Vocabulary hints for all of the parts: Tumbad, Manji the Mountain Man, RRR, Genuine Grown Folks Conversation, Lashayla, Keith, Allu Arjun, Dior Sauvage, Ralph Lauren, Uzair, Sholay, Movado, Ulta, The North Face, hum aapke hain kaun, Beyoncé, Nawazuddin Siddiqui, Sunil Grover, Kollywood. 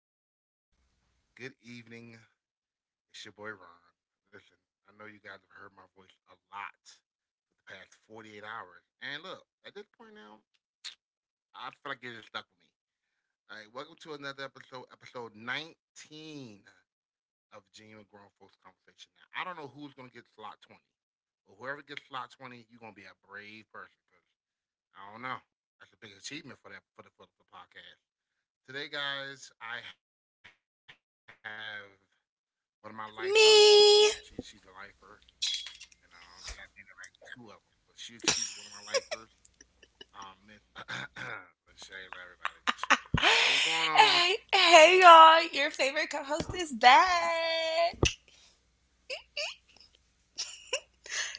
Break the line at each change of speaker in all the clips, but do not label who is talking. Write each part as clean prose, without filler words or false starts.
welcome, everybody. Good evening. It's your boy Ron. Listen, I know you guys have heard my voice a lot for the past 48 hours. And look, at this point now, I feel like you just stuck with me. All right, welcome to episode 19 of Genuine Grown Folks Conversation. Now, I don't know who's going to get slot 20, but whoever gets slot 20, you're going to be a brave person because I don't know. That's a big achievement for that for the, for the, for the podcast. Today, guys, I have one of my lifers, she's a lifer,
Me.
and I only had maybe like two of them, but she's one of my lifers. Miss Lashayla, everybody, Lashayla. Hey, what's going on?
Hey, hey, y'all. Your favorite co host is back.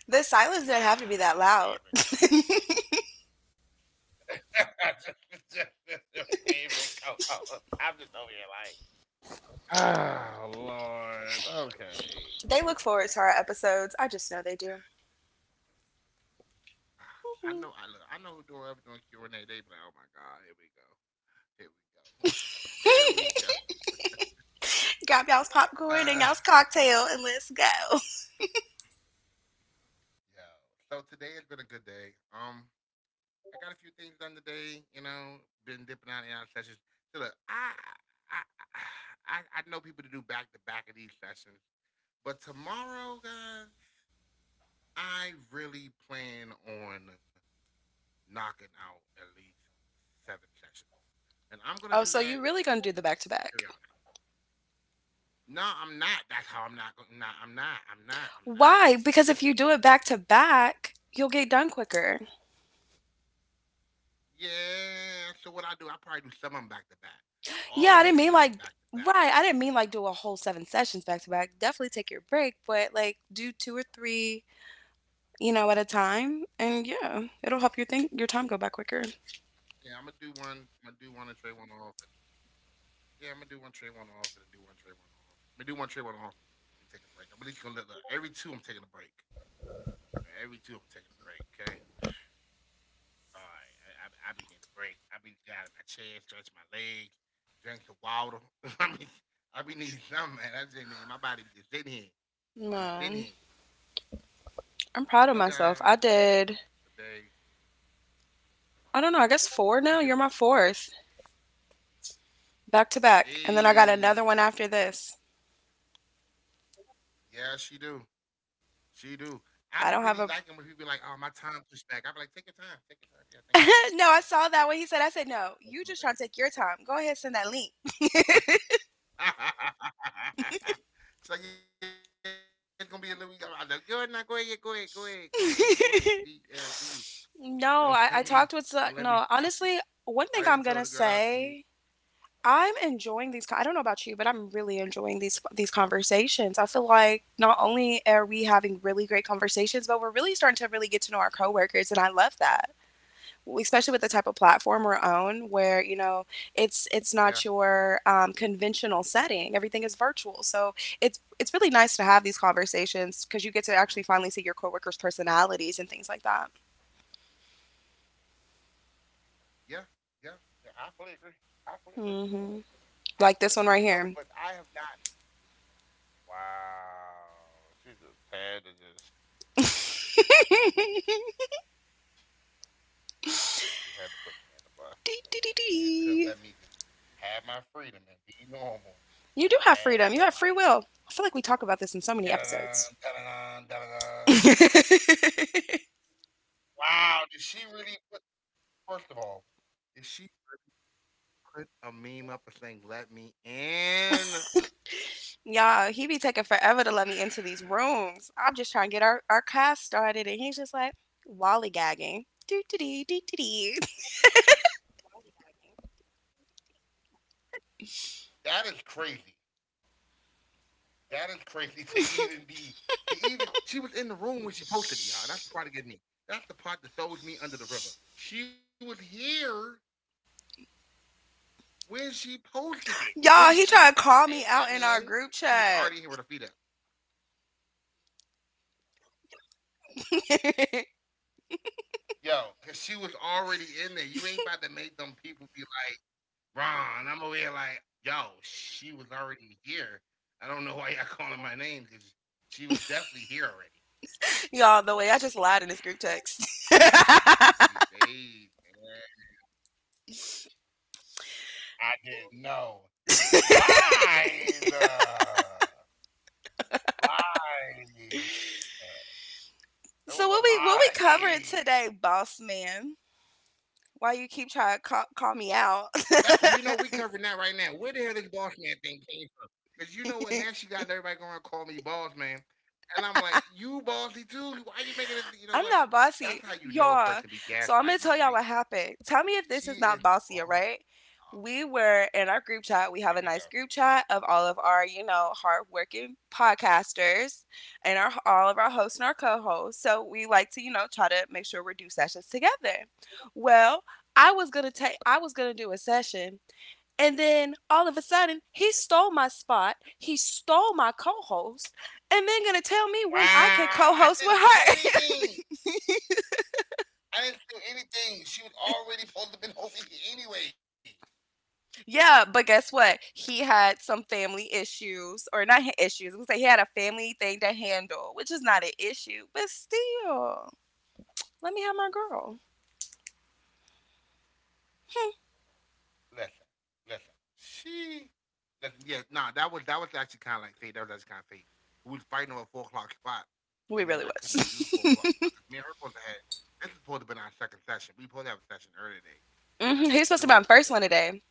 The silence didn't have to
Your
be that
favorite
loud.
co-host. Your favorite co-host. I'm just over here like, oh Lord, okay.
They look forward to our episodes. I just know they do.
I know, I know who doing ever doing Q and A. They be like, oh my God, here we go, here we go.
Grab y'all's popcorn and y'all's
Uh.
cocktail and let's go.
Yeah. So today has been a good day. I got a few things done today. You know, been dipping out in our sessions. So look, I I know people to do back to back of these sessions, but tomorrow, guys, I really plan on knocking out at least seven sessions,
Oh,
and
so
I'm
you
gonna do
really gonna
that
do the back to back?
periodically. No, I'm not. That's how I'm not going. Not. I'm not. I'm not. I'm
Why?
not.
Because if you do it
Listen,
back to back, you'll get done quicker.
yeah. So what I do, I probably do some of them back to back,
Yeah, I didn't
but
mean
all
like
of them may not be
right.
back
I
to
didn't
back.
mean like do a whole seven sessions back to back. Definitely take your break, but like do two or three, at a time. And yeah, it'll help your think your time go by quicker.
Yeah, I'm gonna do one. I'm gonna do one and trade one off. Yeah, I'm gonna do one trade one off and then do one trade one off. I'm gonna do one trade one off and take a break. I'm at least gonna let look, every two I'm taking a break. Every two I'm taking a break. Okay. All right. I be needing a break. I be get out of my chair, stretch my legs, drink some water. I mean, I be needing something, man. I just man, my body be just sitting here.
Man,
Be just sitting here.
I'm proud of myself. I
So
did,
guys, today
I don't know, I guess four now. You're my
you
fourth.
did what?
Back to back. And then I got another one after this.
Hey, yeah, she do. She
I don't
do.
have a.
I be really liking when people be like, "Oh, my time pushed back." I be like, "Take your time, take your
no,
time."
I
Yeah,
saw that
thank
when he said.
you,
I
God. I
said,
can
no, you just trying to take your
close
time.
my
Go
leg.
ahead, send that link.
She's like, "Yeah, it's gonna be a little." I'm like, go ahead, now, go ahead, go ahead, go ahead, go ahead, go ahead. Be do you?
No,
Don't
I, I talked with.
don't let me
No,
stop you.
honestly, one thing
I
I'm
already
going to
told the girl I
say,
do.
I'm enjoying these. I don't know about you, but I'm really enjoying these conversations. I feel like not only are we having really great conversations, but we're really starting to really get to know our coworkers, and I love that. Especially with the type of platform we're on, where you know
Yeah,
it's not your conventional setting. Everything is virtual, so it's really nice to have these conversations because you get to
hmm,
actually finally see your coworkers' personalities and things like that.
yeah, yeah, yeah. I fully agree. I fully
Hmm
agree.
Like this one right
I
here.
fully agree. You know, but I have not. Wow. She just had to just,
Dee,
she had to put me in the bus. She just couldn't let me just
dee, dee,
have my freedom
dee.
and be normal. Just had to like,
You do have freedom. You have free
da
will.
da
I feel like we talk about this in
da
so
da
many
da da
episodes.
da. Wow, did she really put? First of all, did she put a meme up and saying "Let me in"?
Y'all, he be taking forever to let me into these rooms. I'm just trying to get our cast started, and he's just like lollygagging. Do do do do do do.
That is crazy. That is crazy to even be to even she was in the room when she posted it, y'all. That's the part that gets me. That's the part that throws me under the river. She was here when she posted it. When she was
Y'all, he
saying
trying to
let
call
me
me
in,
out in
she
our
was
group
already here with her feet
chat.
up. Yo, cause she was already in there. You ain't about to make them people be like, Ron, I'm over here like, yo, she was already here. I don't know why y'all calling my name, because she was definitely here already.
Y'all, the way I just lied in this group text.
People, man. People these days, man. I didn't know. Lies. Lies.
so what we,
It
what
was
we
a
covering today,
lie.
boss man? Why you keep trying to call me out?
That we know we covering that right now. Where the hell this boss man thing came from? Because you know what? Now she got everybody going to call me boss man, and I'm like, you bossy too. Why you
I'm
making
not
this? You know what?
bossy,
That's how
y'all.
you know a
So I'm
person
gonna
be
tell y'all what
gaslighting you.
happened.
Like
Tell me if this is not
she
bossy, all
is
right?
boss.
We
Oh,
were in our group chat. We have a nice group
here we
chat
go.
of all of our, you know, hardworking podcasters and our, all of our hosts and our co-hosts. So we like to, you know, try to make sure we do sessions together. Well, I was gonna do a session, and then all of a sudden he stole my spot. He stole my co-host, and then gonna tell me when I can co-host with
Wow! I didn't
her.
steal anything. I didn't steal anything. She was already supposed to have been over here anyway.
Yeah, but guess what? He had some family issues, or not ha- issues. I'm gonna say he had a family thing to handle, which is not an issue, but still, let me have my girl.
Listen, listen. She listen. Yeah, nah, that was actually kind of like fate. That was actually kind of fate. We was fighting over a 4 o'clock spot,
We
and then
really
I couldn't even do the four
was.
o'clock spot because me and her supposed to have this is supposed to have been our second session. We supposed to have a session earlier today,
hmm
but I
He's
couldn't
supposed to be my
do it
first one
because you
today,
know,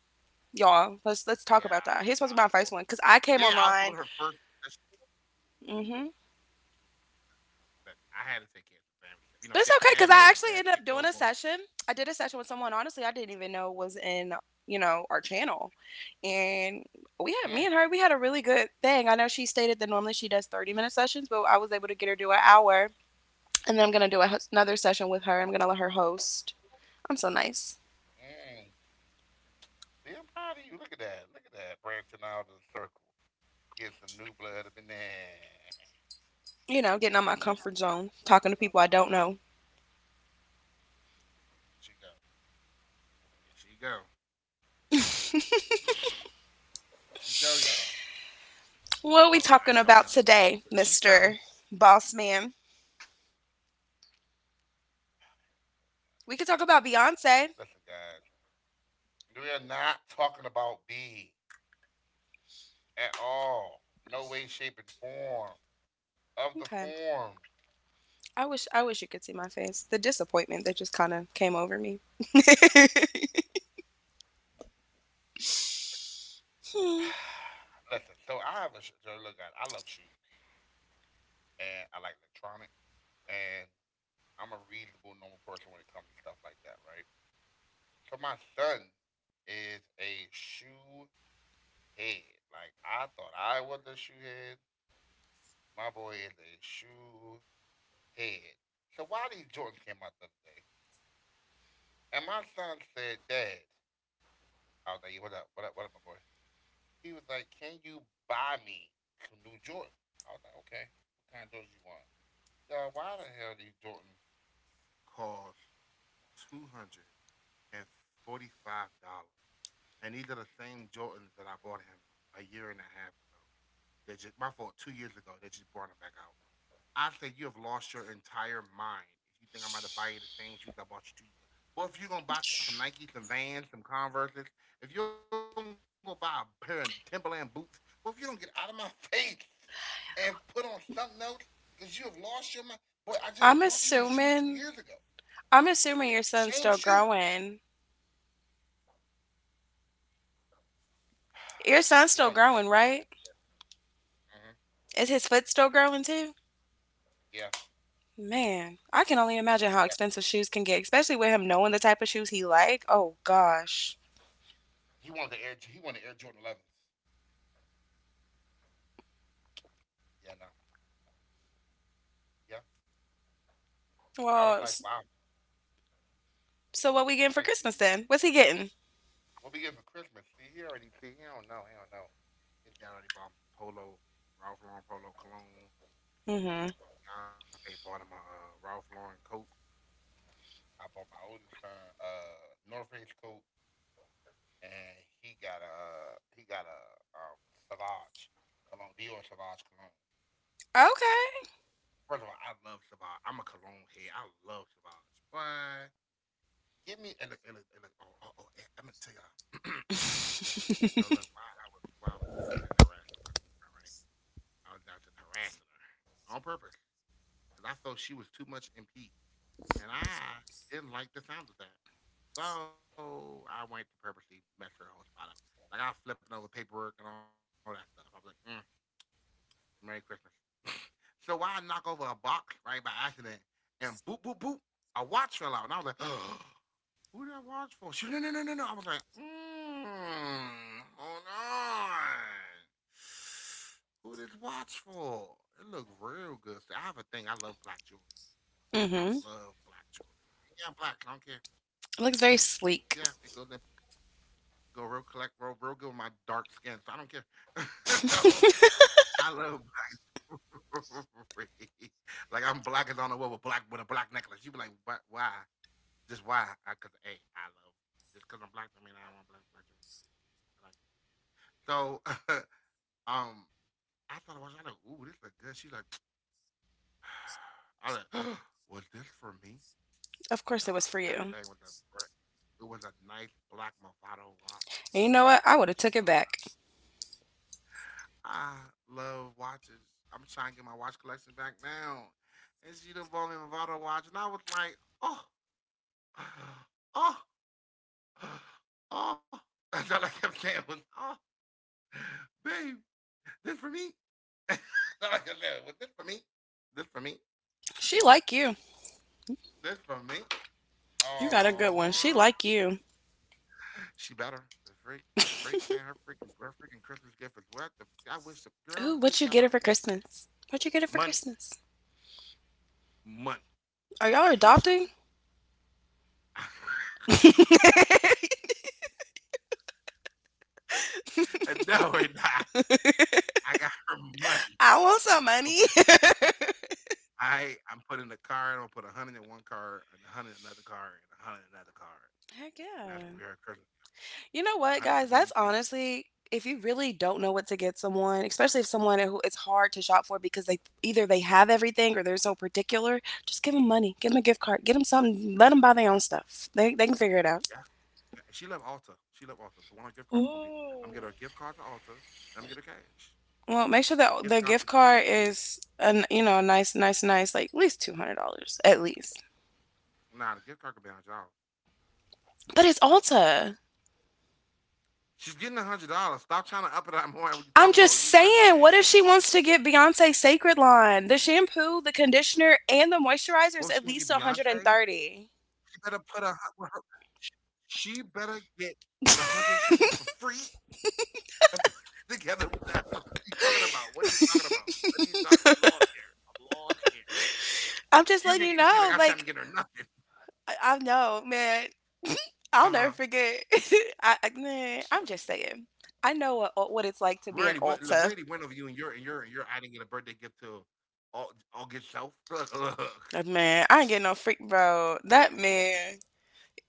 y'all. Let's talk about
yeah,
that. He's supposed
I
to be my
was
first
supposed
one because I came
to, yeah, I was
online.
supposed to her first session.
Hmm
Listen, I had to take care of some family stuff. You
But
know,
it's okay
dad
because I
mode,
actually
dad
ended
kicked
up doing
over.
a session. I did a session with someone, honestly, I didn't even know was in, you know, our channel. And we had, me
Mm,
and her, we had a really good thing. I know she stated that normally she does 30-minute sessions, but I was able to get her to do an hour. And then I'm going to do a, another session with her. I'm going to let her host. I'm so nice.
mm. See, I'm proud of you. Look at that. Look at that. Branching out of the circle. Get some new blood up in there.
You know, getting out my comfort zone, talking to people I don't know.
There she go. Here she go. Here she go, y'all. Talking about I don't
what
know.
are we talking
Here
about
she go.
today, Mr. Boss Man? We could talk about Beyonce.
Listen, guys, we are not talking about B at all. No way, shape, and form
Okay.
of the form.
I wish you could see my face. The disappointment that just kind of came over me. Hmm.
Listen, so I have a so look, guys. I love shoes and I like electronics, and I'm a reasonable, normal person when it comes to stuff like that, right? So my son is a shoe head. Like I thought I was a shoe head. My boy is a shoe head. So why these Jordans came out the other day? And my son said, Dad, I was like, "Yeah, what up, what up, what up, my boy? He was like, Can you buy me some new Jordans?' I was like, Okay, what kind of Jordans you want? Yeah, why the hell these Jordans cost $245? And these are the same Jordans that I bought him a year and a half ago. They just my fault, 2 years ago, they just brought them back out. I think you have lost your entire mind if you think I'm about to buy you the same shoes I bought you 2 years ago. Well, if you're gonna buy some Nikes, some Vans, some Converses, if you don't go buy a pair of Timberland boots, well, if you don't get out of my face and put on something else, because you have lost your mind, boy, I just
I'm
bought you them shoes 2 years
assuming
ago.
I'm assuming your son's
Same
still
shoe.
growing. Your son's still
He's only
growing, right?
17. Hmm,
Is his foot still growing too?
yeah,
Man, I can only imagine how expensive shoes
yeah.
can get, especially with him knowing the type of shoes he like. Oh gosh.
He wanted the Air Jordan 11s. Yeah, no. Yeah.
Well,
I was like, wow.
so what we getting for Christmas
It was
then?
just
What's
like
he getting?
what we get for Christmas? See, he already see. He don't know. He don't know. His dad already bought him some polo, Ralph Lauren polo cologne.
Mm-hmm.
My fiance bought him a Ralph Lauren coat. I bought my oldest son North Face coat, and he got a um, Savage cologne, Dior Savage cologne.
Okay.
First of all, I love Savage. I'm a cologne head. I love Savage. But give me and look, and look, and look. Oh, oh, oh, I'm gonna tell y'all. So look, why I was downstairs harassing my girlfriend, right? I was out to harassing her on purpose because I felt she was too much in peace, and I didn't like the sound of that. So I went to purposely mess her whole spot up. Like I was flipping over paperwork and all that stuff. I was like, "Merry Christmas." So while I knock over a box right by accident, and boop boop boop, a watch fell out, and I was like, Who did I watch for? No, no, no, no, no. I was like, hold on. Who did watch for? It looked real good. So I have a thing. I love black jewelry.
mm-hmm.
I love black jewelry. Yeah, I'm black. I don't care.
Looks very
Hmm,
sleek.
yeah, it go real collect real, real good with my dark skin, so I don't care. So I love black jewelry. Like I'm black as on the wall with black with a black necklace. You be like, why? Why? Just why? I Because hey, I love just because I'm black. I mean, I don't want black drink. I like it. So, um, I thought I was like, ooh, this look good. She like, I like, was this for me?
Of
Yeah,
course it was
that
for
thing was
you.
a. br- it was a nice black Movado watch.
And you
Ooh,
know what? I
and
would
she
have
know
took
I
it
love.
back.
I love watches. I'm trying to get my watch collection back now. And she done bought me a Movado watch, and I was like, oh, oh, oh. That's all I kept saying was, oh. babe, this for me. this for me? This for me?
She like you.
This for me?
You got a good one. She like
Oh,
you.
she better. The freak, man. Her freaking Christmas gift is what? I wish the
Ooh,
girl you
what you
could get
get
out
her
of
for
my face.
Christmas? What you get her for
Money,
Christmas?
money.
Are y'all
I hate
adopting?
shopping. and no, we're not. I got her money.
I want some money.
For, Chris- I'm putting a card. I'm gonna put 100 in one card, and 100 in another card, and 100 in another card,
Heck
and
yeah.
that's gonna be her Christmas gift.
You know what,
A
guys?
hundred for
That's
me and the
honestly, if you really don't know what to get someone, especially if someone who it's hard to shop for because they either they have everything or they're so particular, just give them money. Give them a gift card. Get them something. Let them buy their own stuff. They can figure it out.
kid. Yeah, she love Ulta. She love Ulta. So one of her gift cards gonna be. I'm
Ooh.
gonna get her gift card to Ulta and I'm gonna get her cash.
Well, make sure
The
that the
gift
gift
card would be
card
from the kid.
is a, you know, a nice, nice, nice, like at least $200 at least.
Nah, the gift card could be $100.
But it's
Talking about.
Ulta.
She's getting $100. Stop trying to up it up more. What you
I'm
talking
just
about? You lying to the
saying,
man.
what if she wants to get Beyonce Sacred line? The shampoo, the
What if she
conditioner,
wanna get
and the
Beyonce?
moisturizer is at least
She better put
130.
with her, she better get the 100 she getting for free and put it together with that. What are you talking about? What are you talking about? What are you talking? I'm lost here. I'm lost here. You making it
I'm
seem
just
like I
letting you
am getting her
know.
nothing.
Like I know, man.
Uh huh.
I'll never forget. I man, I'm just saying. I know what it's
We
like to
already
be an
went. Look, we already
Ulta.
went over you and your adding in a birthday gift to all get self. Look, look.
Man, I ain't getting no freak, bro. That man.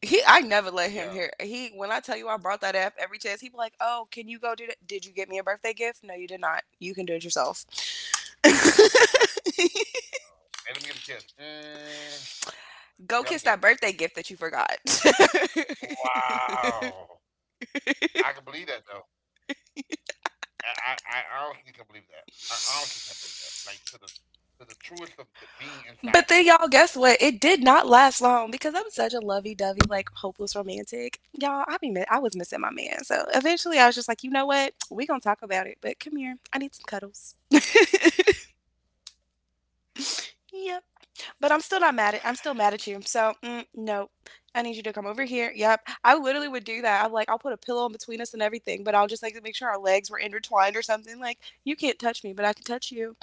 I never let
Yeah,
him hear. He, when I tell you I brought that up every chance, he'd be like, "Oh, can you go do that? Did you get me a birthday gift? No, you did not. You can do it yourself.
and let me get a kiss. Mm,
go
yeah, I'm
kiss
good.
that birthday gift that you forgot."
Wow, I can believe that though. I honestly can believe that. I honestly can't believe that. Like to the truest of the being
but
inside of
then
me.
y'all, guess what? It did not last long because I'm such a lovey-dovey, like hopeless romantic. Y'all, I was missing my man, so eventually I was just like, you know what? We gonna talk about it, but come here. I need some cuddles. Yeah. But I'm still mad at you. So mm, no, I need you to come over here. Yep, I literally would do that. I'm like, I'll put a pillow in between us and everything, but I'll just like make sure our legs were intertwined or something. Like you can't touch me, but I can touch you.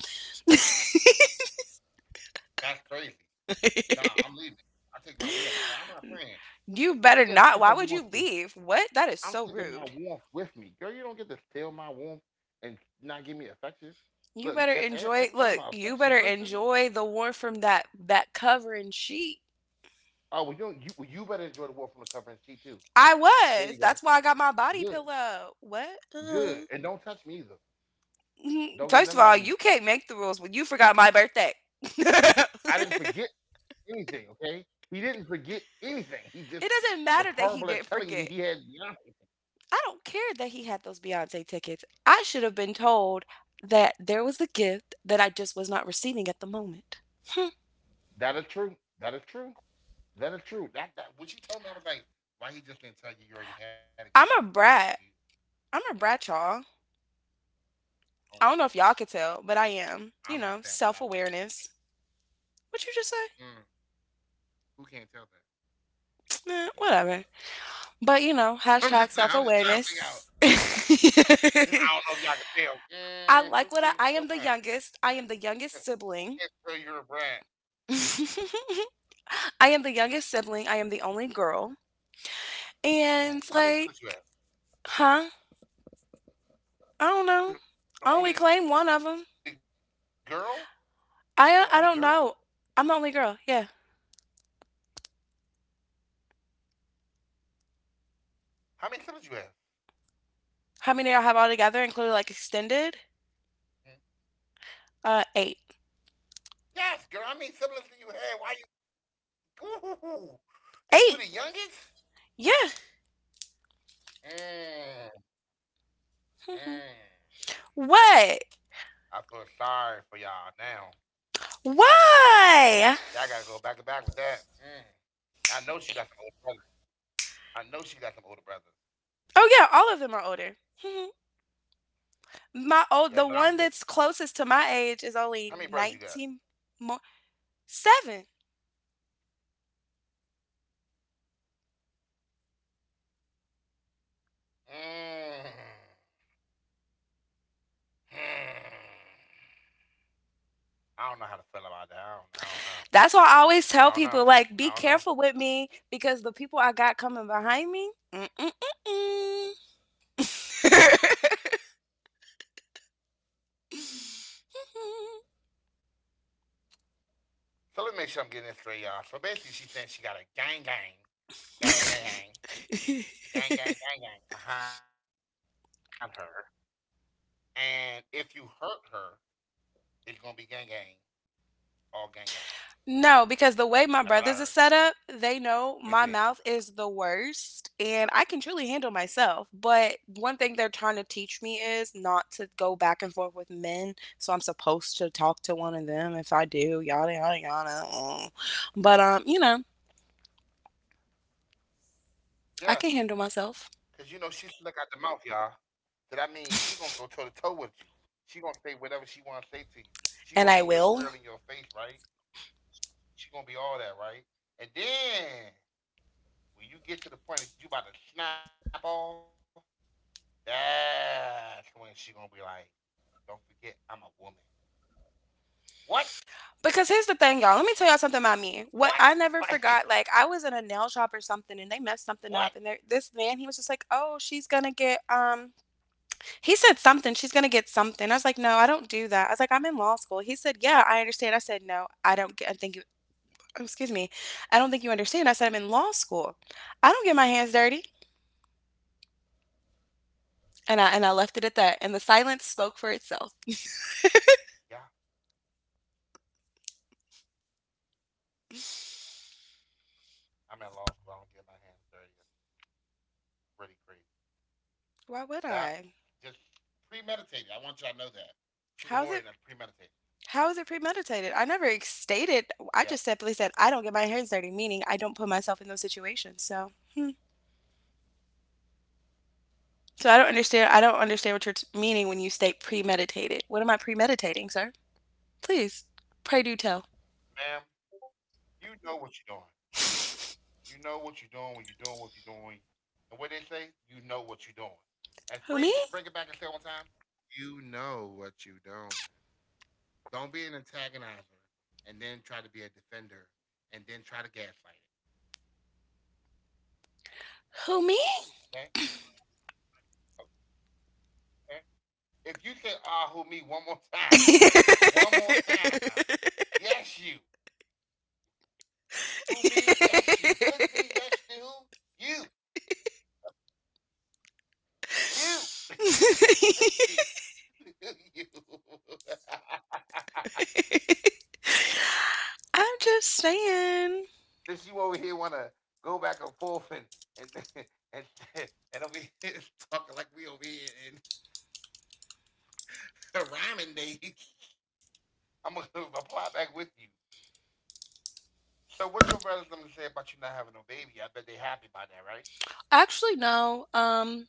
That's crazy. Nah, I'm leaving. I take my wolf. I'm not playing.
You better
You do
not.
that
Why
same
would
stuff
you
you want to.
leave? What? That is so
I'm
rude.
taking my warmth with me. Girl, you don't get to steal my warmth and not give me affection.
You better
Look, and,
enjoy.
and,
Look,
and I'm an
you better
affection person.
enjoy the warmth from that covering sheet.
Oh, well, you better enjoy the warmth from the cover and sheet, too.
I was.
There
That's
you
why I
go.
got my body
Good,
pillow. What?
good. And don't touch me either.
Mhm. First
Don't
of
get
all,
none of
you
my heat.
can't make the rules when you forgot my birthday.
I didn't forget anything, okay? He didn't forget anything. He just
It doesn't
was
matter that
horrible
he
at
didn't
telling you that he
forget.
had Beyonce.
I don't care that he had those Beyonce tickets. I should have been told that there was a gift that I just was not receiving at the moment. Hmm.
That is true. That is true. That is true. That what you told me, I was like, why he just didn't tell you you already had a gift? He
I'm
just
a
gonna give it to you
brat. I'm a
later. I
brat, y'all.
don't know.
I don't know if y'all could tell,
I
but
don't
I
understand why
am.
that
You
wasn't.
know, self awareness. What you
Mm,
just say?
who can't tell that? Who can't tell
Eh,
that?
whatever. But you
I'm
know,
just, I'm
hashtag
just
self
trying to figure out. I
awareness.
don't know if y'all can tell. Who can't tell that?
I like what I am the youngest. I
Who
am the
can't tell
youngest
you're a brat?
sibling. I am the youngest sibling. I am the only girl.
How many
And
siblings you have?
like, huh? I
You're the
don't
only
know.
girl.
I only claim one
You're the
of
only
them.
girl.
I don't know. I'm the only girl. Yeah.
How many siblings you have?
How many do y'all have all together,
Mm,
including like extended?
yes, girl. How
Eight.
many siblings do you have? Why you? Ooh, and you the youngest?
Eight. Yeah.
Mm, mm.
Mhm.
I feel
What?
sorry for y'all now. Y'all gotta go. Y'all gotta go back and back
Why?
with that. Mm. I know she got some older brother. I know she got some older brothers.
Oh yeah, all of them are older. Mhm.
Yeah, no, I'm
My
good.
old, the one that's closest to
How
my
many
age
brothers you
is
got?
only 19 more. Seven.
Mm. Hmm. I don't know how to feel about that. I don't know.
That's why I always
I don't
tell
know.
people
I
like,
don't
be
know.
careful with me because the people I got coming behind me. Mm-mm-mm-mm.
So let me make sure I'm getting this straight, y'all. So basically, she's saying she got a gang, gang, gang, gang, gang, gang, gang, gang, gang, gang behind her. And if you hurt her, it's gonna be gang, gang, all gang, gang.
No, because the way my
That's what I
brothers are
heard.
set up, they know
Where's your
my
head?
mouth is the worst and I can truly handle myself. But one thing they're trying to teach me is not to go back and forth with men. So I'm supposed to talk to one of them if I do, yada, yada, yada. Mm. But you know, I can
Yes.
handle myself
Cause you know she's slick out the mouth, y'all. So that means she gonna go toe to toe with you. She gonna say whatever she wanna say to you.
and I
She gonna be
will.
in your grill in your face, right? She gonna be all that, right? And then when you get to the point that you about to snap off, that's when she gonna be like, "Don't forget, I'm a woman." What?
Because here's the thing, y'all. Let me tell y'all something about me. What
What?
I never
Like
forgot, like I was in a nail shop or something, and they messed something up.
what?
And there, this man, he was just like, "Oh, she's gonna get." He said something. She's gonna get something. I was like, "No, I don't do that." I was like, "I'm in law school." He said, "Yeah, I understand." I said, "No, I don't get. I think you. Oh, excuse me. I don't think you understand." I said, "I'm in law school. I don't get my hands dirty." And I left it at that. And the silence spoke for itself.
Yeah, I'm in law school. I don't get my hands dirty. It's really
Why
crazy.
would I?
That just premeditated. I
How's it?
want y'all to know that she's
How
a
is it
lawyer, and that's
premeditated? I
premeditated.
never ex stated I just simply said, "I don't get my hands dirty,"
Yeah,
meaning I don't put myself in those situations, so hmm. I don't understand what you're t meaning when you state premeditated. What am I premeditating, sir? Please, pray do tell.
ma'am, you know what you're doing. You know what you're doing when you're doing what you're doing. And
Who,
what
me?
they say, you know what you're doing. As Freeze bring it back and say it one time, you know what you're doing. Don't be an antagonizer and then try to be a defender and then try to gaslight it.
Who, me?
Okay? Okay? If you say, ah, who me one more time, yes, you. Who me? Yes, you. Couldn't be, yes, to. You. You. could be. you.
I'm just saying.
Since you over here want to go back and forth and and and over here talking like we over here in rhyming day, I'm gonna reply back with you. So, what your brothers gonna say about you not having no baby? I bet they happy about that, right?
Actually, no,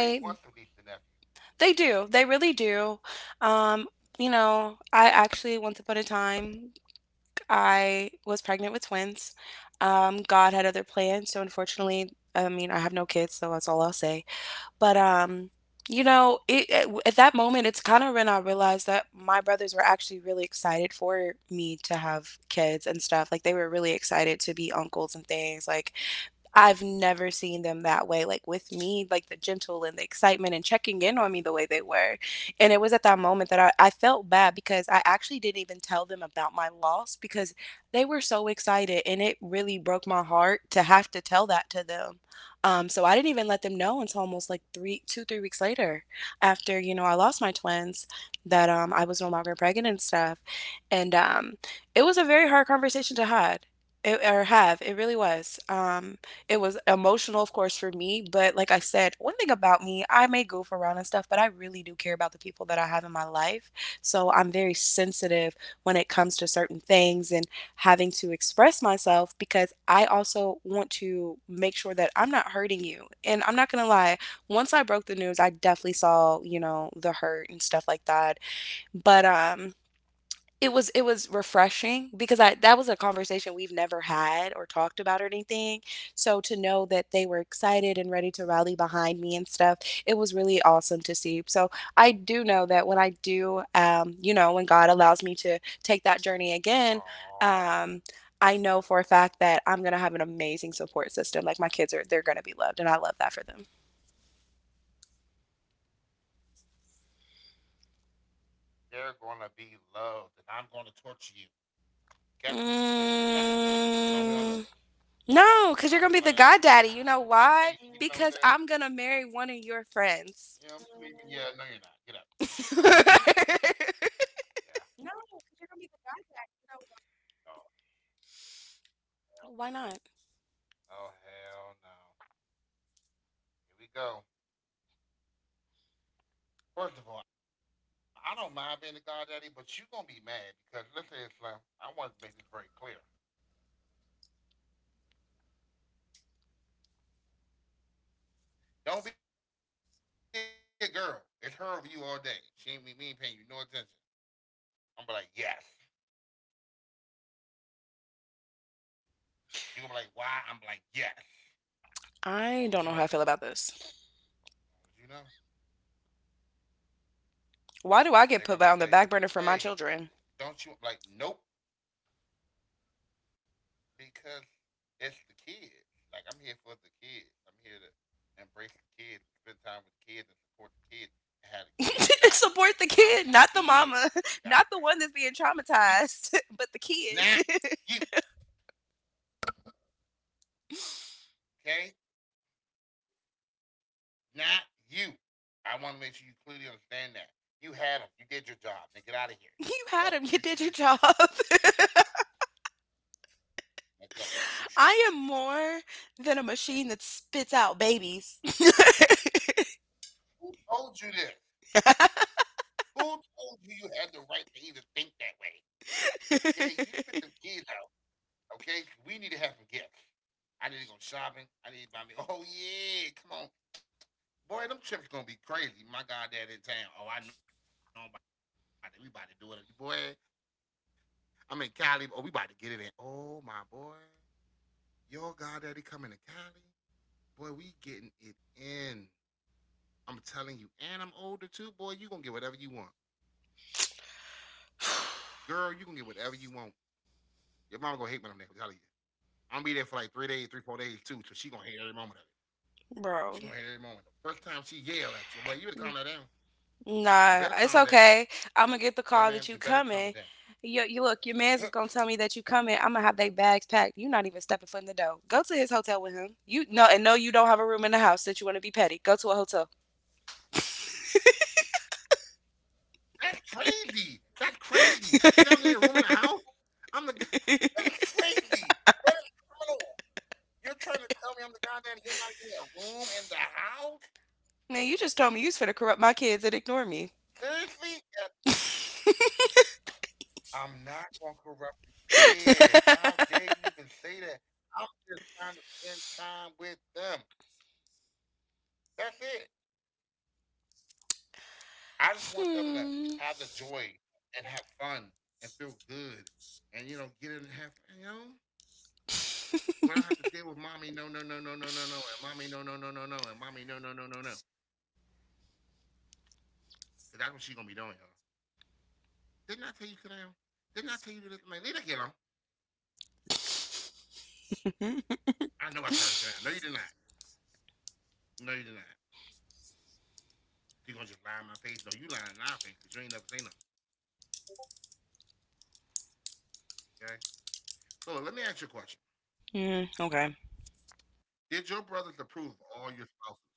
Or they want to lease the nephew.
They do. They really do. Um, you know, I actually once upon a time I was pregnant with twins. God had other plans, so unfortunately, I mean, I have no kids, so that's all I'll say. But you know, at that moment, it's kind of when I realized that my brothers were actually really excited for me to have kids and stuff. Like they were really excited to be uncles and things. Like I've never seen them that way, like, with me, like, the gentle and the excitement and checking in on me the way they were, and it was at that moment that I felt bad because I actually didn't even tell them about my loss because they were so excited, and it really broke my heart to have to tell that to them, so I didn't even let them know until almost, like, 3 weeks later after, you know, I lost my twins that, I was no longer pregnant and stuff, and, it was a very hard conversation to had it or have. It really was. It was emotional, of course, for me. But like I said, one thing about me, I may goof around and stuff, but I really do care about the people that I have in my life. So I'm very sensitive when it comes to certain things and having to express myself because I also want to make sure that I'm not hurting you. And I'm not going to lie, once I broke the news, I definitely saw, you know, the hurt and stuff like that. But it was refreshing because I that was a conversation we've never had or talked about or anything. So to know that they were excited and ready to rally behind me and stuff, it was really awesome to see. So I do know that when I do, you know, when God allows me to take that journey again,
Aww,
um, I know for a fact that I'm gonna have an amazing support system. Like they're gonna be loved, and I love that for them.
they're gonna be loved, and I'm gonna torture you. Okay, okay. You know we all know
Mm.
this.
No, because you're
I'm
gonna
gonna be
be the
like,
goddaddy. You
you
know
okay? You
why?
sleeping over there?
Because I'm gonna
Yeah, I'm
marry one of
sleeping. Yeah,
your
no, you're not. Get
friends.
up. Yeah. Oh hell.
Why
Oh
not?
hell no. Here we go. First of all, I don't mind being a goddaddy, but you are gonna be mad because listen, Islam, I want to make this very clear. It's baby over you all day. okay? Don't be a girl. It's her over you all day. She ain't be me paying you no attention. No way. Okay, I want you to know this. You be like no, I'm be like yes. You gonna be like why? I'm like yes. As long as you know that. As
I don't know
long
how I feel about
as you know,
this.
they're gonna say,
Why do I get
hey,
put on the back burner for
don't you
my
I'm like
children?
nope, because it's the kids. Like I'm here for the kids. I'm here to embrace the kids and spend time with the kids and support the kids and have the kids back. I'm the
Support the kid,
kids
not the mama,
godparent.
not the one that's being
You,
traumatized, but the
not
kid.
you.
You
Okay, not you. I want to make sure you clearly understand that. You had them. You did your job. Now get out of here.
had
Go
him, you
shoot,
did
shoot,
your
shoot, shoot,
job.
shoot, shoot. Now go shoot,
I
shoot,
am
shoot, shoot, shoot, shoot.
more than a machine that spits out babies.
Who told you this? Who told you you had the right to even think that way? Okay, you spit them kids out. Okay, we need to have some gifts. I need to go shopping. I need to buy me. Oh yeah, come on, boy. Them trips gonna be crazy. My goddad in town. Oh, I know about it. We about to do it, boy. I'm in Cali. Oh, we about to get it in. Oh my boy, your goddaddy coming to Cali. Boy, we getting it in. I'm telling you, and I'm older too. Boy, you gonna get whatever you want. Girl, you can get whatever you want. Your mama gonna hate when I'm there. I'm telling you, I'm gonna be there for like 3 days, 3 4 days too. So she gonna hate every moment of it. She's gonna hate every moment. The first
Bro,
time she yell at you, I'm like, you better calm that down. You better calm down.
nah, it's
Hey
okay.
man, you better
I'm gonna
calm
get
it
the
down.
call that you coming. You look, your man's is gonna tell me that you coming. I'm gonna have they bags packed. You not even stepping foot in the door. Go to his hotel with him. You no, and no, you don't have a room in the house. That You want to be petty? Go to a hotel.
That's crazy. That's crazy. You know, in a room in the house. I'm the g. That is crazy. That is criminal. You're trying to tell me I'm the goddaddy. You're not even in a room in the house.
Man, you just told me you's was finna corrupt my kids and ignore me.
Seriously? Yeah, I'm not gonna corrupt the kids. How dare you even say that? I'm just trying to spend time with them. That's it. I just want them to
Hmm.
have the joy and have fun and feel good and get in and have you know we don't have to deal with mommy no no no no no no no and mommy no no no no no and mommy no no no no no because that's what she's gonna be doing y'all. Didn't I tell you Canal? Didn't I tell you to let the man leave that kid alone? I know I told her Canal. No, you did not. No, you did not. You gonna just lie in my face? No, you lying in our face because you ain't never say nothing. Okay. So let me ask you a question.
Mm, okay.
Did your brothers approve all your spouses?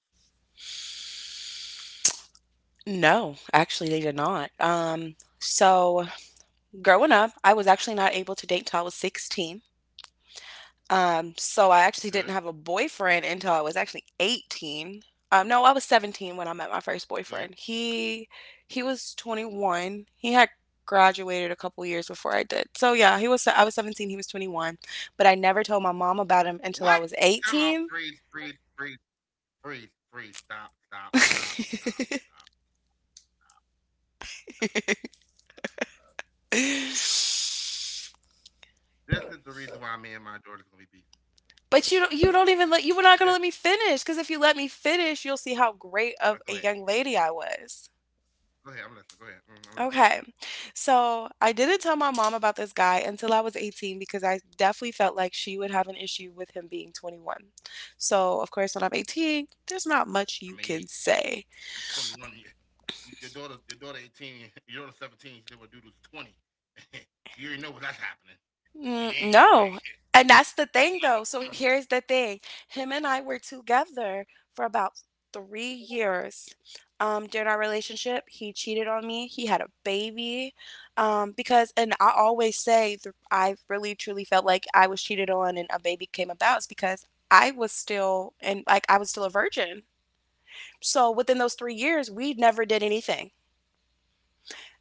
No, actually, they did not. So growing up, I was actually not able to date until I was 16. So I actually didn't have a
Good,
boyfriend until I was actually 18. No, I was 17 when I met my first boyfriend.
good.
He was 21. He had graduated a couple years before I did. So yeah, he was I was 17, he was 21, but I never told my mom about him until I was
What?
18.
Time out. Freeze, freeze, freeze. Freeze, freeze, stop, stop, stop, stop, stop, stop, stop, stop. This is the reason why me and my Jordan's gonna be beefing.
But you don't even let you were not gonna let me
Okay?
finish, because if you let me finish, you'll see how great of a young lady
Go
I
ahead.
was.
Go ahead. Go ahead. I'm listening. Go ahead.
Okay.
I'm listening. I'm listening.
So I didn't tell my mom about this guy until I was 18 because I definitely felt like she would have an issue with him being 21. So, of course, when I'm 18, there's not much you can
I mean,
say.
yeah, you 21. And your daughter 18. Your daughter 17. She did what dude was 20. You already know what that's happening.
Mm, no.
It ain't
And
here
that's
like
the thing, though. So here's the thing. Him and I were together for about 3 years. During our relationship, he cheated on me. He had a baby. And I always say, I really truly felt like I was cheated on and a baby came about is because I was still a virgin. So within those 3 years, we never did anything.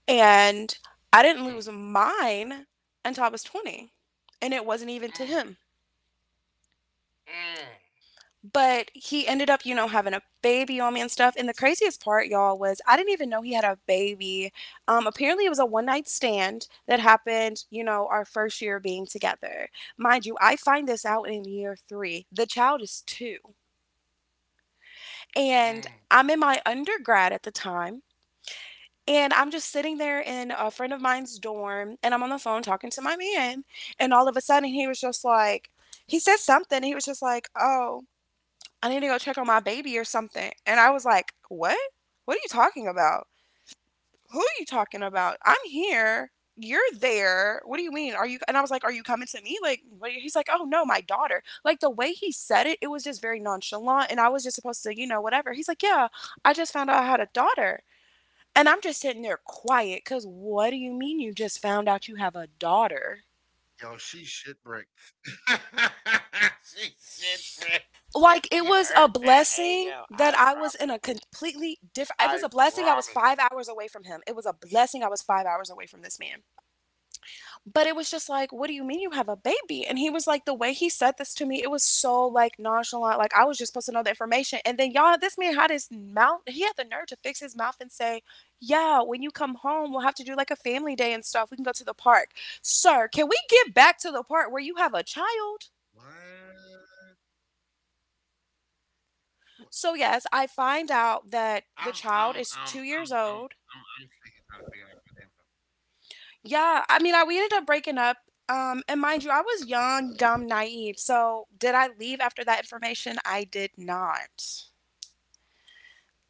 And I didn't lose
Mm.
mine until I was 20. And it wasn't even to him.
Mm. Mm.
But he ended up, you know, having a baby on me and stuff. And the craziest part, y'all, was I didn't even know he had a baby. Apparently, it was a one night stand that happened, you know, our first year being together. Mind you, I find this out in year three. The child is two. And I'm in my
Mm.
undergrad at the time. And I'm just sitting there in a friend of mine's dorm, and I'm on the phone talking to my man. And all of a sudden, he said something. And he was just like, "Oh, I need to go check on my baby" or something. And I was like, "What? What are you talking about? Who are you talking about? I'm here. You're there. What do you mean? Are you?" And I was like, "Are you coming to me? Like, what?" He's like, "Oh no, my daughter." Like, the way he said it, it was just very nonchalant. And I was just supposed to, you know, whatever. He's like, "Yeah, I just found out I had a daughter." And I'm just sitting there quiet because what do you mean you just found out you have a daughter?
Yo, she's shit brick. She shit brick when
Like it
she
was a
heard that. Hey
blessing
yo,
that
I
I was in a
promise.
completely different It was a
I
blessing I was 5
promise you.
hours away from him. It was a blessing I was 5 hours away from this man. But it was just like, "What do you mean you have a baby?" And he was like the way he said this to me, it was so like nonchalant. Like I was just supposed to know the information. And then y'all, this man had his mouth, he had the nerve to fix his mouth and say, "Yeah, when you come home, we'll have to do like a family day and stuff. We can go to the park." Sir, can we get back to the part where you have a child?
What? What-
So, yes, I find out that the
I'm
child
I'm
is
I'm
two
I'm
years
I'm
old.
I'm thinking trying to figure out my name, though.
Yeah, I mean, I we ended up breaking up. And mind you, I was young, dumb, naive. So, did I leave after that information? I did not.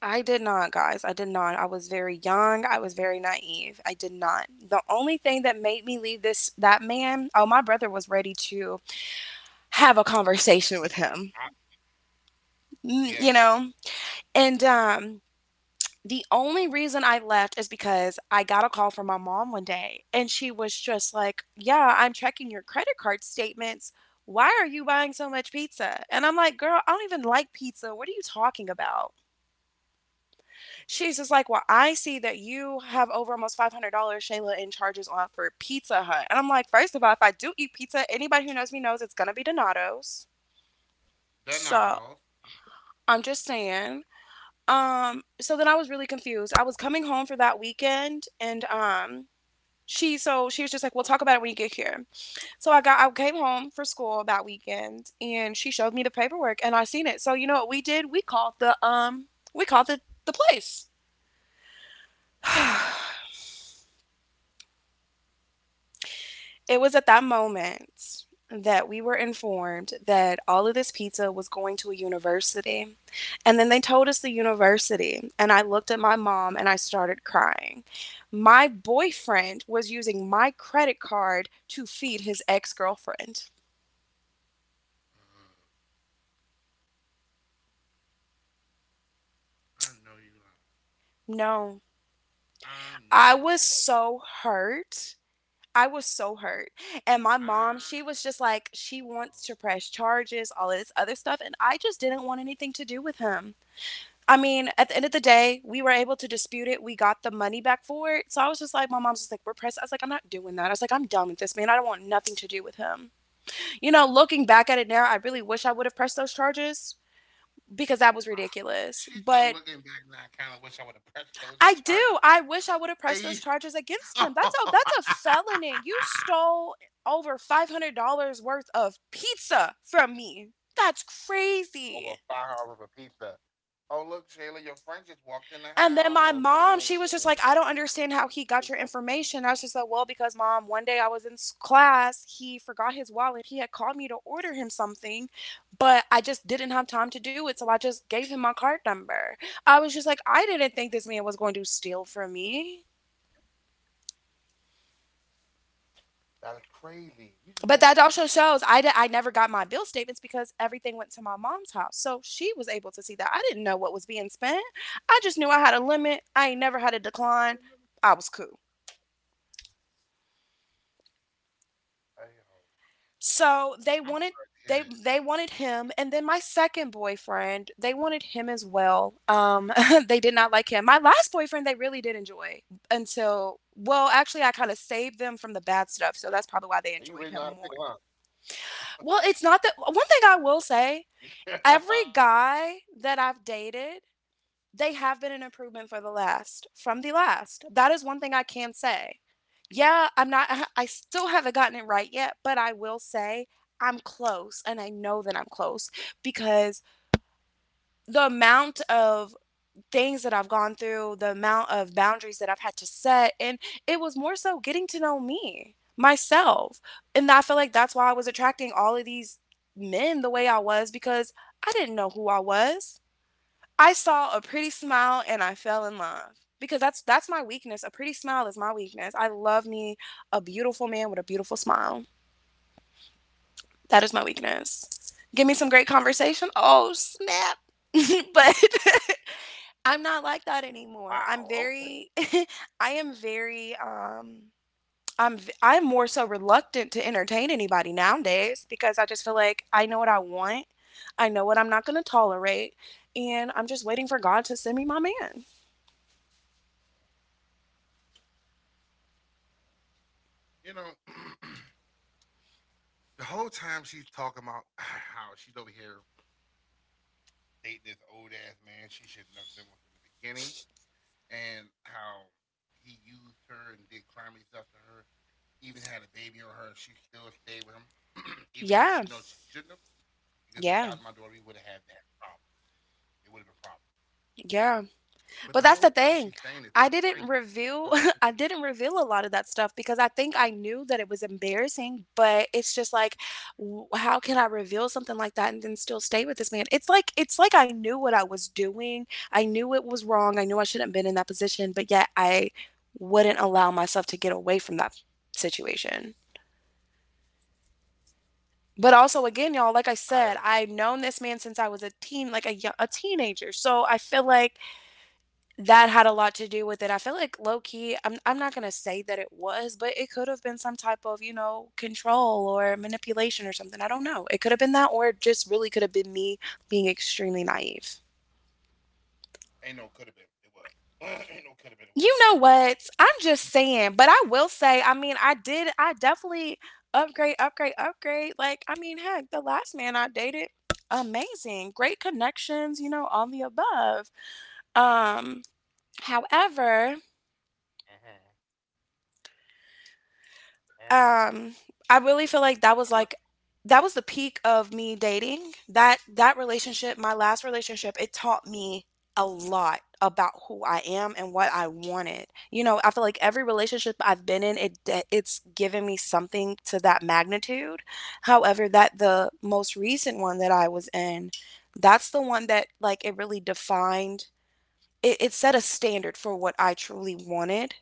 I did not, guys. I did not. I was very young. I was very naive. I did not. The only thing that made me leave this that man, oh, my brother was ready to have a conversation with
Beat
him.
the. I,
Mm, you
yeah.
know? And the only reason I left is because I got a call from my mom one day and she was just like, "Yeah, I'm checking your credit card statements. Why are you buying so much pizza?" And I'm like, "Girl, I don't even like pizza. What are you talking about?" She's just like, "Well, I see that you have over almost $500, Shayla, in charges on for Pizza Hut." And I'm like, "First of all, if I do eat pizza, anybody who knows me knows it's going to be Donato's." So
Donados.
I'm just saying. So then I was really confused. I was coming home for that weekend, and she so she was just like, "We'll talk about it when you get here." So I got I came home for school that weekend, and she showed me the paperwork, and I seen it. So you know what we did? We called the we called the place. It was at that moment that we were informed that all of this pizza was going to a university. And then they told us the university, and I looked at my mom and I started crying. My boyfriend was using my credit card to feed his ex girlfriend.
Uh, I know you lie.
No, I
I
was
know
so
you.
hurt. I was so hurt. And my mom, she was
I
just like,
know.
she wants to press charges, all of this other stuff. And I just didn't want anything to do with him. I mean, at the end of the day, we were able to dispute it. We got the money back for it. So I was just like, my mom's just like, we're pressed. I was like, I'm not doing that. I was like, I'm done with this man. I don't want nothing to do with him. You know, looking back at it now, I really wish I would have pressed those charges because that was
Wow.
ridiculous. But
She's still looking back now. I kind of wish I would have
I
pressed those
do. I wish
charges.
I would have pressed those charges
Hey
against him.
yo.
That's a that's a felony. You stole over $500 worth of pizza from me. That's crazy.
Over $5 a pizza. Oh look, Shayla, your friend just walked
And
in the
then my mom,
house.
she was just
Oh,
like, I don't
yeah,
understand how he got your
they just walked
information. I was
in.
just like, well, because mom, one day I was in class, he forgot his wallet. He had called me to order him something, but I just didn't have time to do it. So I just gave him my card number. I was just like, I didn't think this man was going to steal from me.
That is
But
crazy.
that
You just
also
walk out
shows
the house
I did.
like
I never got my bill statements because everything went to my mom's house. So she was able to see that. I didn't know what was being spent. I just knew I had a limit. I ain't never had a decline. I was cool.
hey,
So they wanted
I'm
they
sorry to
they
hear that.
wanted him, and then my second boyfriend, they wanted him as well. They did not like him. My last boyfriend they really did enjoy until, well, actually I kind of saved them from the bad stuff. So
You
that's
really
probably
know how
why
to
they
pick
enjoyed him more. Well, it's not that. One thing I will say:
'em up.
every guy that I've dated, they have been an improvement for the last, from the last. That is one thing I can say. Yeah, I'm not, still haven't gotten it right yet, but I will say I'm close, and I know that I'm close because the amount of things that I've gone through, the amount of boundaries that I've had to set, and it was more so getting to know me, myself. And I feel like that's why I was attracting all of these men the way I was, because I didn't know who I was. I saw a pretty smile and I fell in love because that's my weakness. A pretty smile is my weakness. I love me a beautiful man with a beautiful smile. That is my weakness. Give me some great conversation. Oh, snap. but I'm not like that anymore. I'm
Wow. Okay.
very I am very I'm more so reluctant to entertain anybody nowadays because I just feel like I know what I want. I know what I'm not going to tolerate, and I'm just waiting for God to send me my man.
You know, the whole time she's talking about how she's over here dating this old ass man she should never been with in the beginning, and how he used her and did crimey stuff to her. Even had a baby on her, she still stayed with him, even though
Yeah,
she knows she shouldn't have. Because if
yeah,
that was my daughter, we would have had that problem. It would have been problems.
yeah. But
But the
that's the
whole time
thing.
she's saying
I
it's
didn't reveal
her
I
friend from
didn't
the.
reveal a lot of that stuff because I think I knew that it was embarrassing, but it's just like w how can I reveal something like that and then still stay with this man? It's like, it's like I knew what I was doing. I knew it was wrong. I knew I shouldn't have been in that position, but yet I wouldn't allow myself to get away from that situation. But also, again, y'all, like I
I
said,
understand.
I've known this man since I was a teen, like a teenager. So I feel like that had a lot to do with it. I feel like low key, I'm not gonna say that it was, but it could have been some type of, you know, control or manipulation or something. I don't know. It could have
Mhm.
been that, or it just really could have been me being extremely naive.
Ain't no could have been. It was. Ain't no could have been.
You
It
know
was.
what? I'm just saying, but I will say, I mean, I definitely upgrade, upgrade, upgrade. Like, I mean, heck, the last man I dated, amazing. Great connections, you know, all the above. Um, however,
Mm-hmm.
um
Mm-hmm.
I really feel like
I'm like,
that was the peak of me dating, that relationship. My last relationship, it taught me a lot about who I am and what I wanted. You know, I feel like every relationship I've been in, it it's given me something to that magnitude. However, that the most recent one that I was in, that's the one that, like, it really defined it. It set a standard for what I truly wanted,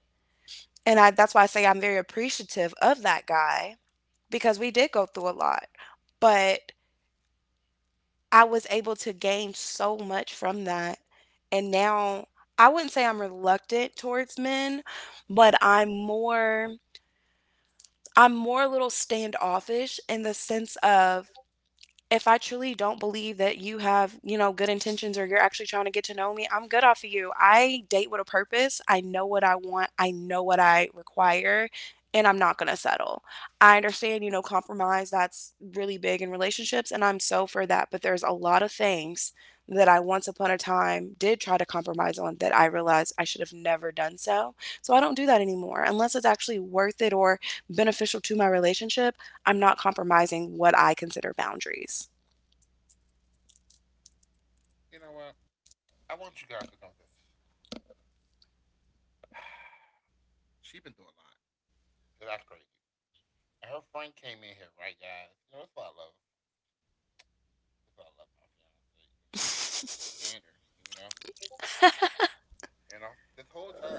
and I, that's why I say I'm very appreciative of that guy because we did go through a lot. But I was able to gain so much from that. And now I wouldn't say I'm reluctant towards men, but I'm more, I'm more a little standoffish in the sense of if I truly don't believe that you have, you know, good intentions, or you're actually trying to get to know me, I'm good off of you. I date with a purpose. I know what I want. I know what I require, and I'm not going to settle. I understand, you know, compromise, that's really big in relationships, and I'm so for that, but there's a lot of things that I once upon a time did try to compromise on that I realized I should have never done so. So I don't do that anymore unless it's actually worth it or beneficial to my relationship. I'm not compromising what I consider boundaries.
you know what? I want you guys to know this. She been through a lot. 'Cause that's crazy. And her friend came in here, right, guys? You know, that's why I love. That's why I love my fiance. Even though I can't stand her, you know. You know, this whole time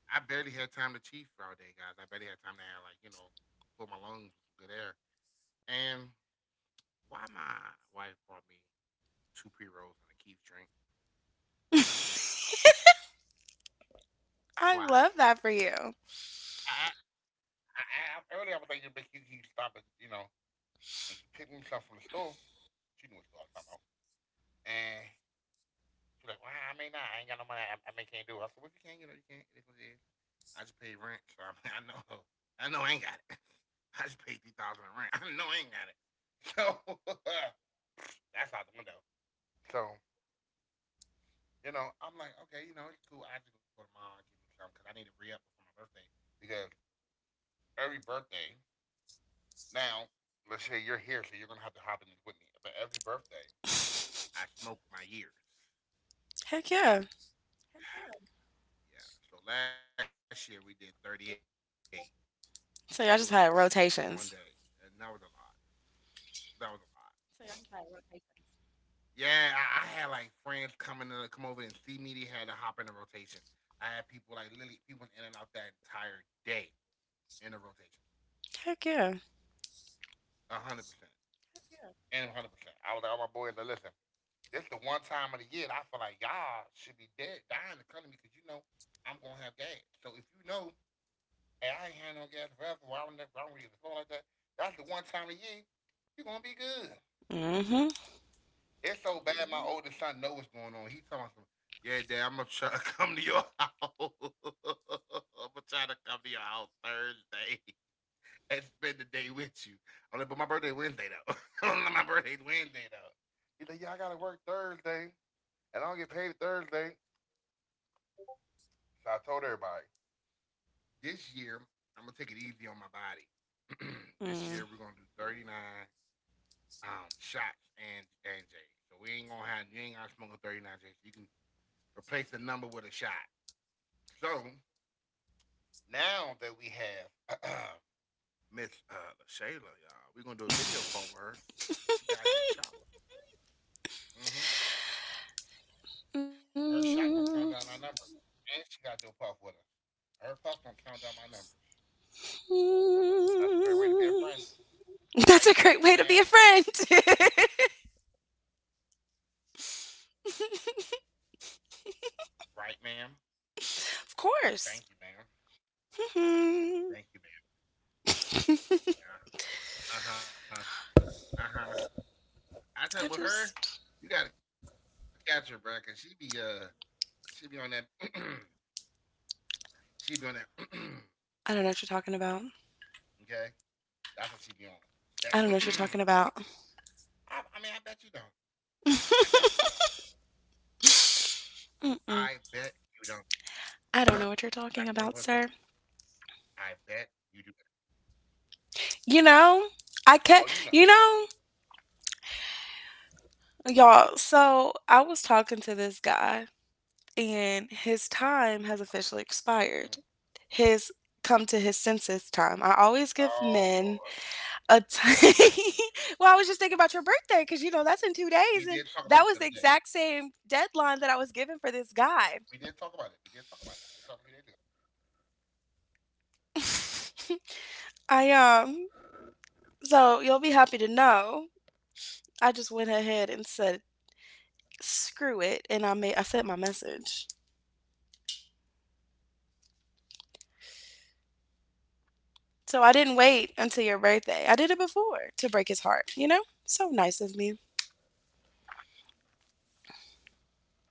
I barely had time to chief for all day, guys. I barely had time to have like fill my lungs with some good air. And why my wife brought me two pre rolls and a Keith drink?
I
Why?
love that for you.
I, I, I earlier I was like, you stop at and you pick me something from the store. She knew what store I was talking about. And she was like, well, I may not. I ain't got no money. I may can't do it. I said, well, if you can't, you can't. It is what it is. I just paid rent, so I mean, I know, I know, I ain't got it. I just paid 3,000 in rent. I know I ain't got it. So that's out the window. So, I'm like, okay, it's cool. I just go to mom, give me some, because I need to re up before my birthday. Because every birthday, now, let's say you're here, so you're going to have to hop in with me. But every birthday, I smoke my years.
Heck yeah.
Hello. Yeah. So last year we did 38. It
So
was
y'all just had
in one day,
rotations.
and that was a lot. That was a lot. Yeah, I had like friends coming to come over and see me. They had to hop in a rotation. I had people like literally people in and out that entire day in the rotation.
Heck yeah.
100%. And 100%. I was like, all my boys, like, listen, this the one time of the year that I feel like y'all should be dead, dying to come to me because you know I'm going to have gas. So if you know, hey, I ain't had no gas forever, I don't, never, I don't really get a flow like that, that's the one time of the year you're going to be good.
Mm-hmm.
It's so bad my oldest son know what's going on. He telling some, yeah, dad, I'm going to try to come to your house. I'm going to try to come to your house Thursday. And spend the day with you. I'm like, but my birthday Wednesday though. My birthday's Wednesday though. He's like, yeah, I gotta work Thursday, and I don't get paid Thursday. So I told everybody this year I'm gonna take it easy on my body.
Mm.
This year we're gonna do 39 shots and J's. So we ain't gonna have you ain't gonna smoke a 39 J. So you can replace the number with a shot. So now that we have Miss Shayla, y'all, we're gonna do a video call with her, and she gotta do a shot. With her. Her shot gonna count down our numbers, and she gotta do a puff with us. Her puff gonna count down my numbers. That's a great way to be a
Mm-hmm.
friend,
That's a
right,
great way to be a
ma'am?
friend.
Right, ma'am.
Of
Thank you,
course.
ma'am. Thank you,
Hmm.
ma'am.
I
Yeah. Uh huh. Uh huh. I tell you, with her, you gotta
just,
catch her, bro, cause she be on that, she be on that.
I don't know what you're
Okay,
talking about.
that's what she be on. That.
I don't know what you're talking
I
about.
mean, I bet you don't. I bet you don't. I bet you don't.
Mm-mm.
That's
I
what I'm
don't
gonna
know
say
what
to
you're
you.
talking about, sir.
I bet you do.
You
Oh,
know,
you know.
I can not, you know, y'all, so I was talking to this guy, and his time has officially
Mhm.
expired. His come to his senses time. I always
Oh
give
Lord,
men a time. Well, I was just thinking about your birthday because, you know, that's in
we
two
did talk
days.
about
And
it the other
that
day.
was the exact same
We did
deadline that
talk
I
about
was
it. We
given
did
for
talk about
this
it. We did talk
guy.
about it.
I, so you'll be happy to know. I just went ahead and said, screw it. And I sent my message. So I didn't wait until your birthday. I did it before to break his heart, you know? So nice of me.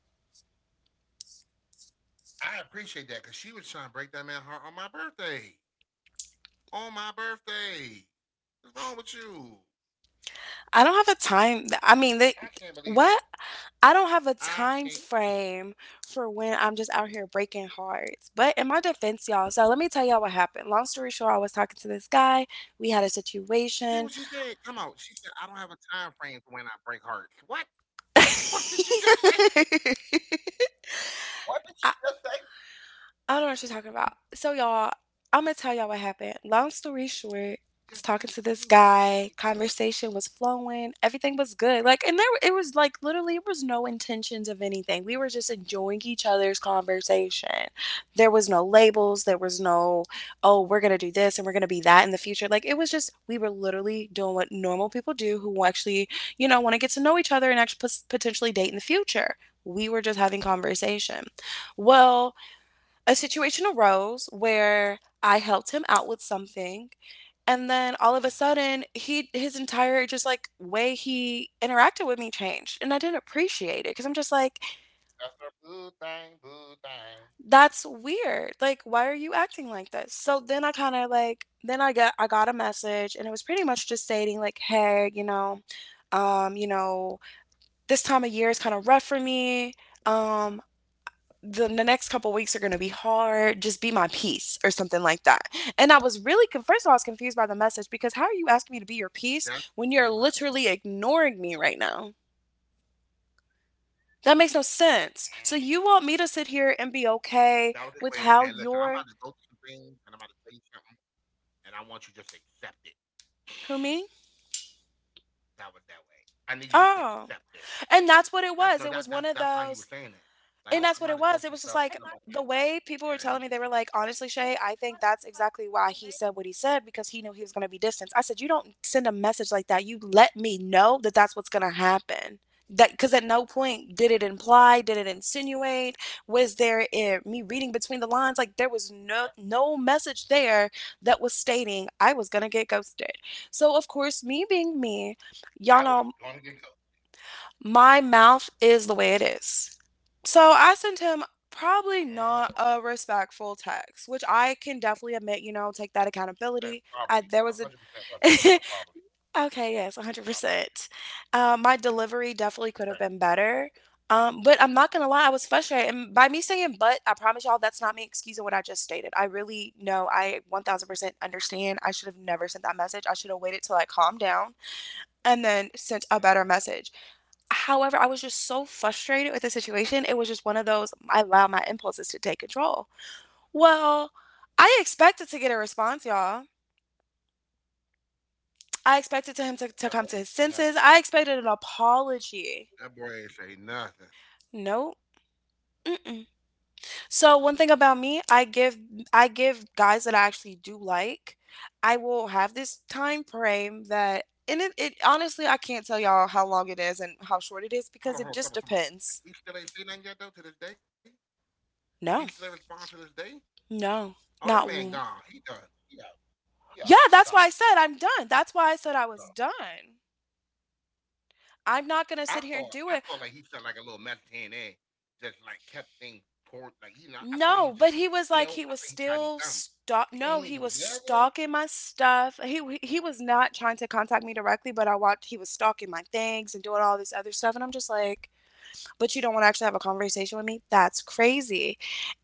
I appreciate that because she was trying to break that man heart on my birthday. On my birthday, what's wrong with you? I can't
I don't
believe
have a
her.
time, I mean, they
I
what?
can't believe her.
I don't have a time frame for when I'm just out here breaking hearts. But in my defense, y'all, so let me tell y'all what happened. Long story short, I was talking to this guy.
You
We
see
had a
what she said? Come on,
situation.
she said I don't have a time frame for when I break hearts. What? What did you just say?
I
What did you just say?
I don't know what you're talking about. So y'all, I'm gonna tell y'all what happened. Long story short,
You just
I was
said it. What
talking
you
to
mean?
this guy. Conversation was flowing. Everything was good. Like, and there it was, like, literally it was no intentions of anything. We were just enjoying each other's conversation. There was no labels. There was no, oh, we're gonna do this and we're gonna be that in the future. Like, it was just we were literally doing what normal people do who actually, you know, want to get to know each other and actually potentially date in the future. We were just having conversation. Well, a situation arose where I helped him out with something, and then all of a
hmm
sudden he, his entire, just like, way he interacted with me changed, and I didn't appreciate it 'cuz I'm just like,
That's her boo thing, boo thing.
that's weird. Like, why are you acting like this? So then I kind of like, then I got a message, and it was pretty much just stating, like, hey, you know, this time of year is kind of rough for me. Um, the next couple weeks are going to be hard. Just be my peace or something like that. And I was really, first of all, I was confused by the message because how are you
Just
asking me to be
be
your
my
peace
peace.
when you're literally ignoring me right now? That makes no
Mm.
sense. So you want me to sit here and be
That was his way
okay
of saying,
with
listen, I'm
how
about to go through
you're,
some things and I'm about to tell you something, and I want you just to accept it.
who me?
That was that way. I need you just to accept this.
Oh,
That no,
and
that that
that's what
that's
it
how he
was.
was
It was
saying
one
it.
of
Like,
those,
look, I'm, about to go through
and
some stuff,
that's
stuff
what it
like
was. It was just like
that, and I
the
need you
way
just to
people were
accept
telling me, they
it.
were like, honestly, Shay, I think that's exactly why he said what he said because he knew he was going to be distanced. I said, you don't send a message like that. You let me know that that's what's going to happen. That because at no point did it imply, did it insinuate, was there, eh, me reading between the lines? Like, there
That-
was no message there that was stating I was gonna get ghosted. So of course, me being me,
I was
y'all
going to
know
get go.
my mouth is the way it is. So I sent him
Mm,
probably not a respectful text, which I can definitely admit, you know, take that
she said
accountability.
probably. It's
I,
one
there
hundred
was a,
percent was not. And probably.
Okay,
And
yes,
probably.
100%. My delivery definitely
Thank
could
you.
have been better. But I'm not gonna lie, I was frustrated. And by me saying but, I promise y'all that's not me excusing what I just stated. I really know I 1000% understand. I should have never sent that message. I should have waited till I calmed down and then sent a better
Mm-hmm.
message. However, I was just so frustrated with the situation. It was just one of those I allow my impulses to take control. Well, I expected to get a response, y'all. I expected to him to
That
come
boy
to his
ain't say
senses.
nothing.
I expected an apology.
That boy ain't say nothing.
Nope. Mm-mm. So one thing about me, I give guys that I actually do like. I will have this time frame that, and it honestly, I can't tell y'all how long it is and how short it is because it
Hold on, hold
just
on, tell me, tell me.
depends.
He still ain't say nothing yet though to this day. He still ain't
No,
respond to this day.
no,
Oh, that
not
man
w-
gone. He done. He out. He out.
yeah,
He
that's
gone.
why I said I'm done. That's why I said I
He
was
gone.
done. I'm not going to sit
I
here and
thought.
do it.
I thought like he sent like a little message here there, just like kept things toward like. I feel
No,
like he
but
just
he was like
you
he
know.
was
I think he tried
still
to do something.
stalk
He
no,
said
he
he ain't
was
do nothing.
stalking my stuff. He was not trying to contact me directly, but I watched he was stalking my things and doing all this other stuff and I'm just like, "But you don't want to actually have a conversation with me? That's crazy."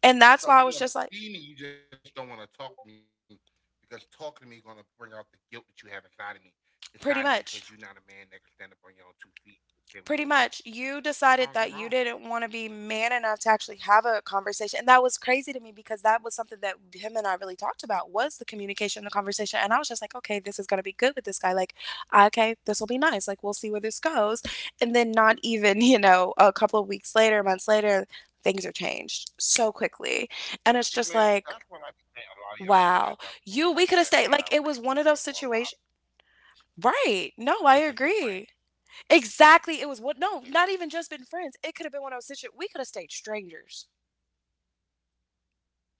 And that's why I
So
was
you
just
want to
like
see me? You just don't want to talk to me because talking to me going to bring out the guilt that you have inside of me, inside of you because
pretty
you're not a
much.
man that can stand up on your own two feet and say well, you were wrong.
Pretty much,
You're
you
wrong. You're
decided
wrong.
that you didn't wanna be man enough to actually have a conversation, and that was crazy to me because that was something that him and I really talked about was the communication, the conversation, and I was just like, "Okay, this is gonna be good with this guy, like, okay, this will be nice, like, we'll see where this goes," and then not even, you know, a couple of weeks later, months later, things are changed so quickly, and
See,
it's just
man, that's
like,
what I be saying. A lot of y'all do that
"Wow,
dumb shit like
you
that.
we
And
coulda
y'all
stayed,"
really
like, it
fuck
was
it up
one of
for a
those
lot of.
situations. Right,
We
no,
could
I
just stay friends.
agree.
We
Exactly. It was
could
what?
just stay
No, not
friends.
even just been friends. It could have been when I was situated. We could have stayed strangers.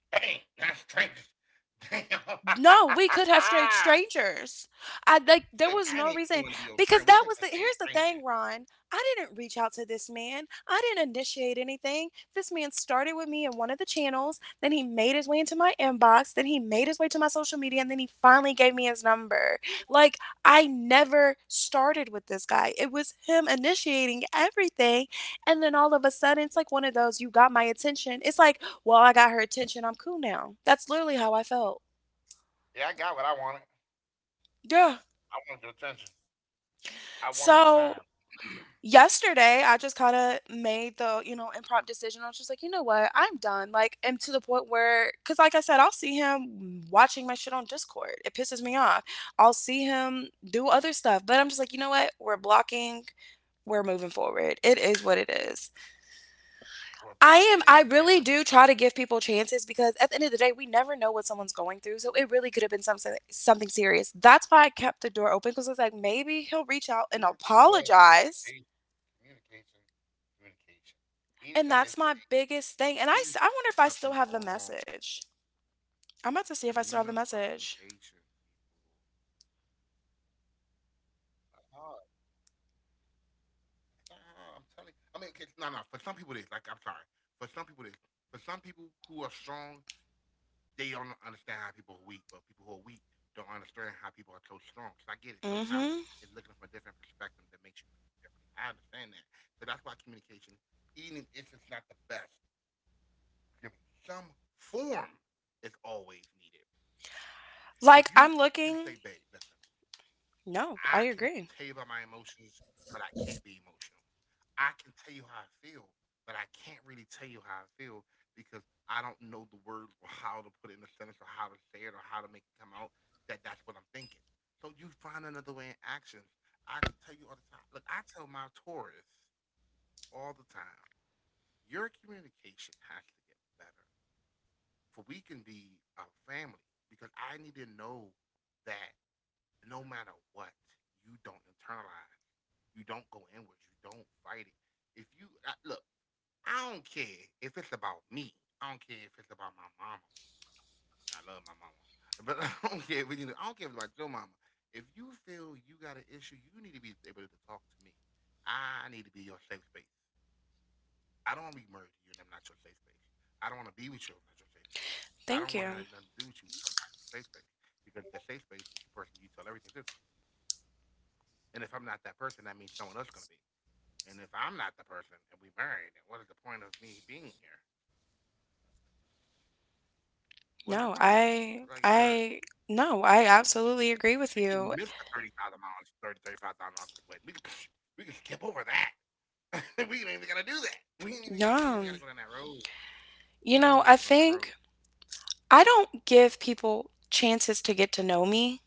Dang, that's strangers. Damn.
No, we could have straight strangers. I like There
She's like,
was
I
no
didn't even want
reason
to be your friend. We
because
could
that
just
was the
stay
here's the
strangers.
thing, Ron. I didn't reach out to this man. I didn't initiate anything. This man started with me in one of the channels, then he made his way into my inbox, then he made his way to my social media, and then he finally gave me his number. Like, I never started with this guy. It was him initiating everything, and then all of a sudden it's like one of those you got my attention. It's like, well, I got her attention. I'm cool now. That's literally how I felt.
Yeah, I got what I wanted.
Yeah.
I wanted your attention. I wanted the
So
time.
yesterday, I just kind of made the, you know, impromptu decision. I was just like, you know what? I'm done. Like, and to the point where, because like I said, I'll see him watching my shit on Discord. It pisses me off. I'll see him do other stuff, but I'm just like, you know what? We're blocking. We're moving forward. It is what it is.
We're
I am, I
blocking and
really
we're
do
moving.
try to give people chances because at the end of the day, we never know what someone's going through. So it really could have been something, something serious. That's why I kept the door open because I was like, maybe he'll reach out and
But even if it was
apologize.
communication, communication, communication.
And
Even if
that's
that
my
is
biggest thing, and
even
I
some
wonder if
going
I
on,
still have the message.
communication, people.
I'm about to see if I still have the message.
Uh-huh. Nah, I'm telling. I mean, okay, no, no. For some people, it is. Like, I'm sorry. For some people, it is. For some people who are strong, they don't understand how people are weak. But people who are weak don't understand how people are so strong. So I get it. Sometimes it's looking from a different perspective
Mhm.
that makes you differently. I understand that. So that's why communication, even if it's not the best, some form is always needed. If you can
Like,
say,
I'm
babe, listen,
looking.
I can
No,
tell you
I
about my
agree.
emotions, but I can't be emotional. I can tell you how I feel, but I can't really tell you how I feel because I don't know the words or how to put it in a sentence or how to say it or how to make it come out that's what I'm thinking. So you find another way in actions. I tell you all the time. Look, I tell my tourists all the time, your communication has to get better. For we can be a family because I need to know that no matter what, you don't internalize. You don't go inwards. You don't fight it. If you I- Look, I don't care if it's about me. I don't care if it's about my mama. And I love my mama. But I don't care if it's about your mama. If you feel you got an issue, you need to be able to talk to me. I need to be your safe space. I don't want to be married to you and I'm not your safe space. I don't want to be with you and I'm not your safe space. I
Thank
don't want to
you.
have nothing to do with you and I'm not your safe space. Because the safe space is the person you tell everything to. And if I'm not that person, that means someone else going to be. And if I'm not the person and we married, then what is the point of me being here? What is the
No,
plan again?
I no, I absolutely agree with
We can
you.
miss the $30,000, thirty five thousand dollars for the wedding. We can we can skip over that. We ain't even gotta do that. We ain't even gotta we ain't even
Yeah.
gotta go down that road.
You
We ain't
know,
we
I
gotta go down that road.
think I don't give people chances to get to know me.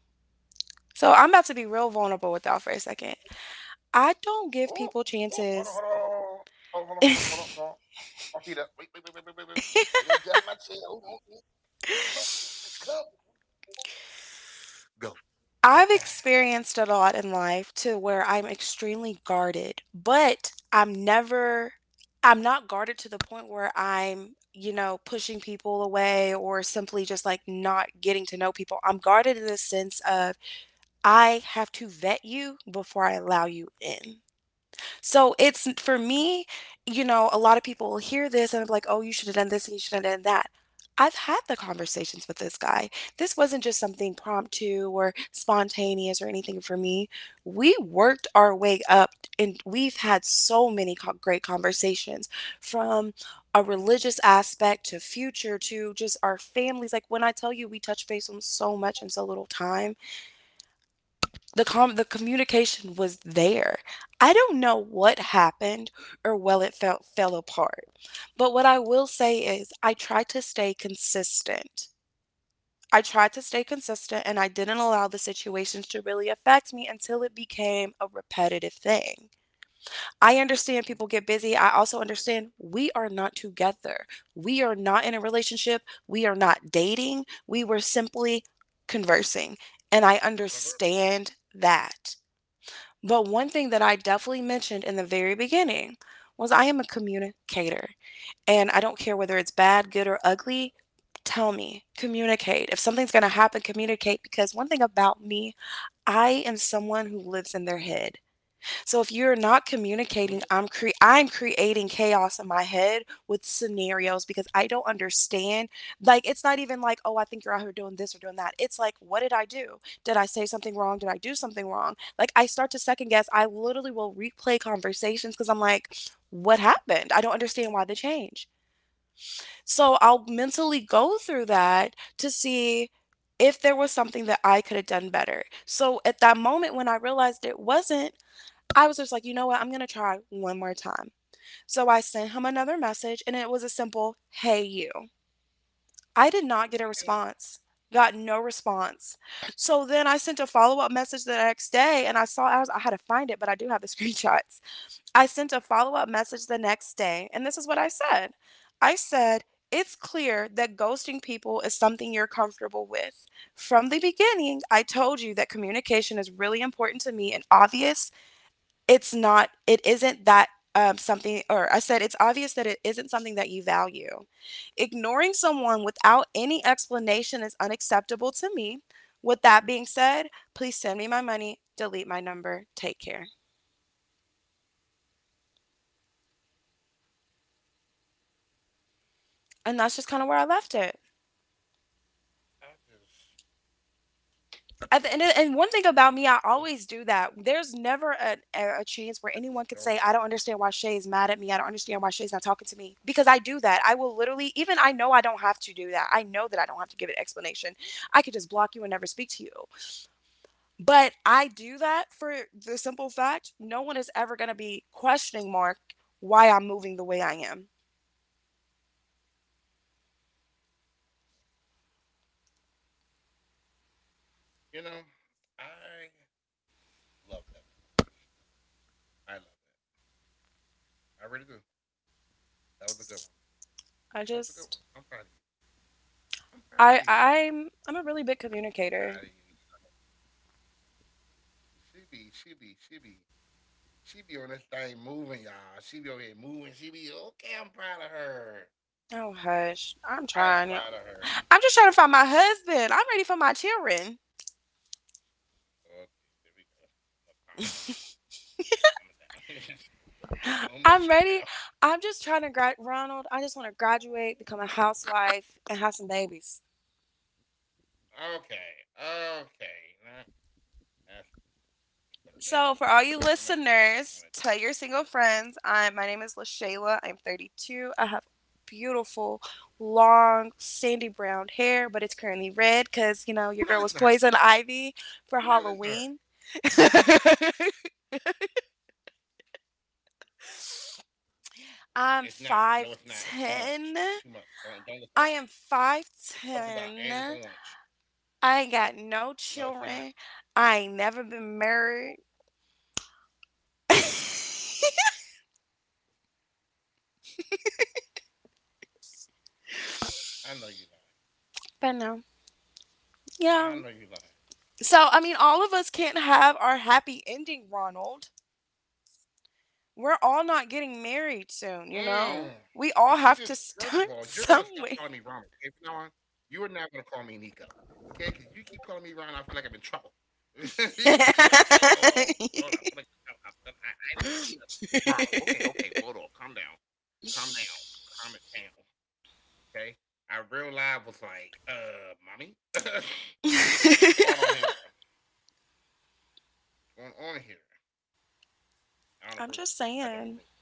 So I'm about to be real vulnerable with y'all for a second. I don't
Oh,
give people
oh, Hold on,
chances.
hold on. My feet up. Wait, wait. Let me adjust my chair. Hold on. Get comfortable. Get comfortable. Go.
I've
hmm
experienced a lot in life to where I'm extremely guarded, but I'm never, I'm not guarded to the point where I'm, you know, pushing people away or simply just like not getting to know people. I'm guarded in the sense of I have to vet you before I allow you in. So it's for me, you know, a lot of people will hear this and I'm like, oh, you should have done this and you should have done that. I've had the conversations with this guy. This wasn't just something promptu or spontaneous or anything for me. We worked our way up and we've had so many great conversations from a religious aspect to future to just our families. Like when I tell you, we touch base on so much in so little time. The the communication was there. I don't know what happened or well it felt fell apart. But what I will say is I tried to stay consistent. I tried to stay consistent and I didn't allow the situations to really affect me until it became a repetitive thing. I understand people get busy. I also understand we are not together. We are not in a relationship. We are not dating. We were simply conversing. And I
Cover.
understand that. But one thing that I definitely mentioned in the very beginning was I am a communicator and I don't care whether it's bad, good, or ugly. Tell me, communicate. If something's going to happen, communicate. Because one thing about me, I am someone who lives in their head. So if you're not communicating,
hmm
I'm creating chaos in my head with scenarios because I don't understand. Like it's not even like, oh, I think you're out here doing this or doing that. It's like, what did I do? Did I say something wrong? Did I do something wrong? Like I start to second guess. I literally will replay conversations because I'm like, what happened? I don't understand why the change. So I'll mentally go through that to see if there was something that I could have done better. So at that moment when I realized it wasn't, I was just like, you know what? I'm going to try one more time. So I sent him another message and it was a simple, hey, you. I did not get a
Yeah.
response, got no response. So then I sent a follow up message the next day and I saw, I, was, I had to find it, but I do have the screenshots. I sent a follow up message the next day and this is what I said. I said, it's clear that ghosting people is something you're comfortable with. From the beginning, I told you that communication is really important to me and obvious it isn't that something or I said it's obvious that it isn't something that you value. Ignoring someone without any explanation is unacceptable to me. With that being said, please send me my money, delete my number, take care. And that's just kind of where I left it.
I just,
At the end of, and one thing about me, I
I
always do that. There's never a chance where anyone
just
could say,
don't.
I don't understand why Shay is mad at me. I don't understand why Shay's not talking to me. Because I do that. I will literally, even I know I don't have to do that. I know that I don't have to give an explanation. I could just block you and never speak to you. But I do that for the simple fact no one is ever going to be questioning Mark why I'm moving the way I am.
You know, I love that response. I love that. I really do. That was a good one. That was a good one. I'm proud of you.
I just.
I'm proud of you. I'm
I'm a
proud
really
of you.
big communicator.
She be, she be, she be, she be on this thing moving, y'all. She be over here moving. She be okay. I'm proud of her.
Oh hush.
I am
I'm
proud of
trying. Yo.
her.
I'm just trying to find my husband. I'm ready for my children.
Lord, geez, here we go. No, calm it down. Calm it down. It's Doing a little
I'm
much right
ready.
now.
I'm just trying to grad Ronald, I just want to graduate, become a housewife, and have some babies.
Okay, okay. Now, that's some babies. Calm it
So, for all
down.
you listeners, tell your single friends. I'm My name is LaShayla. I'm 32. I have beautiful, long,
Don't
sandy
listen to her.
brown
Hey,
hair,
hey,
but it's
stop that.
currently red because you
Do
know
not
your
listen to
girl was
her.
poison
Do not listen
ivy
to her.
for Halloween.
It's not. No, it's not. It's too
I'm
much. It's too much. Don't listen to her.
5'10.
It's
I
polka
am
dot and it's orange.
5'10.
No,
I
it's
ain't
not.
got no children. I ain't never been married.
I know you lying.
But no.
I know you lying.
Yeah. So, I mean, all of us can't have our happy ending, Ronald. We're all not getting married
Mmm.
soon, you
And she
know?
just
We
first
all
of all,
have to
you're gonna stop
start
calling me Ron. Okay,
somewhere.
from now on, you are not gonna call me Nico. Okay, because you keep calling me Ron, I feel like I'm in trouble. you're gonna keep. I'm like, yo, hold on.
I'm
I feel like I'm in trouble. I didn't do nothing. Ron. Okay, okay. Hold on. Calm down. Calm down. Calm it down. Okay. I real live was like, mommy, what's going on here? What's going on here? I don't approve it.
just
I don't
saying.
approve it.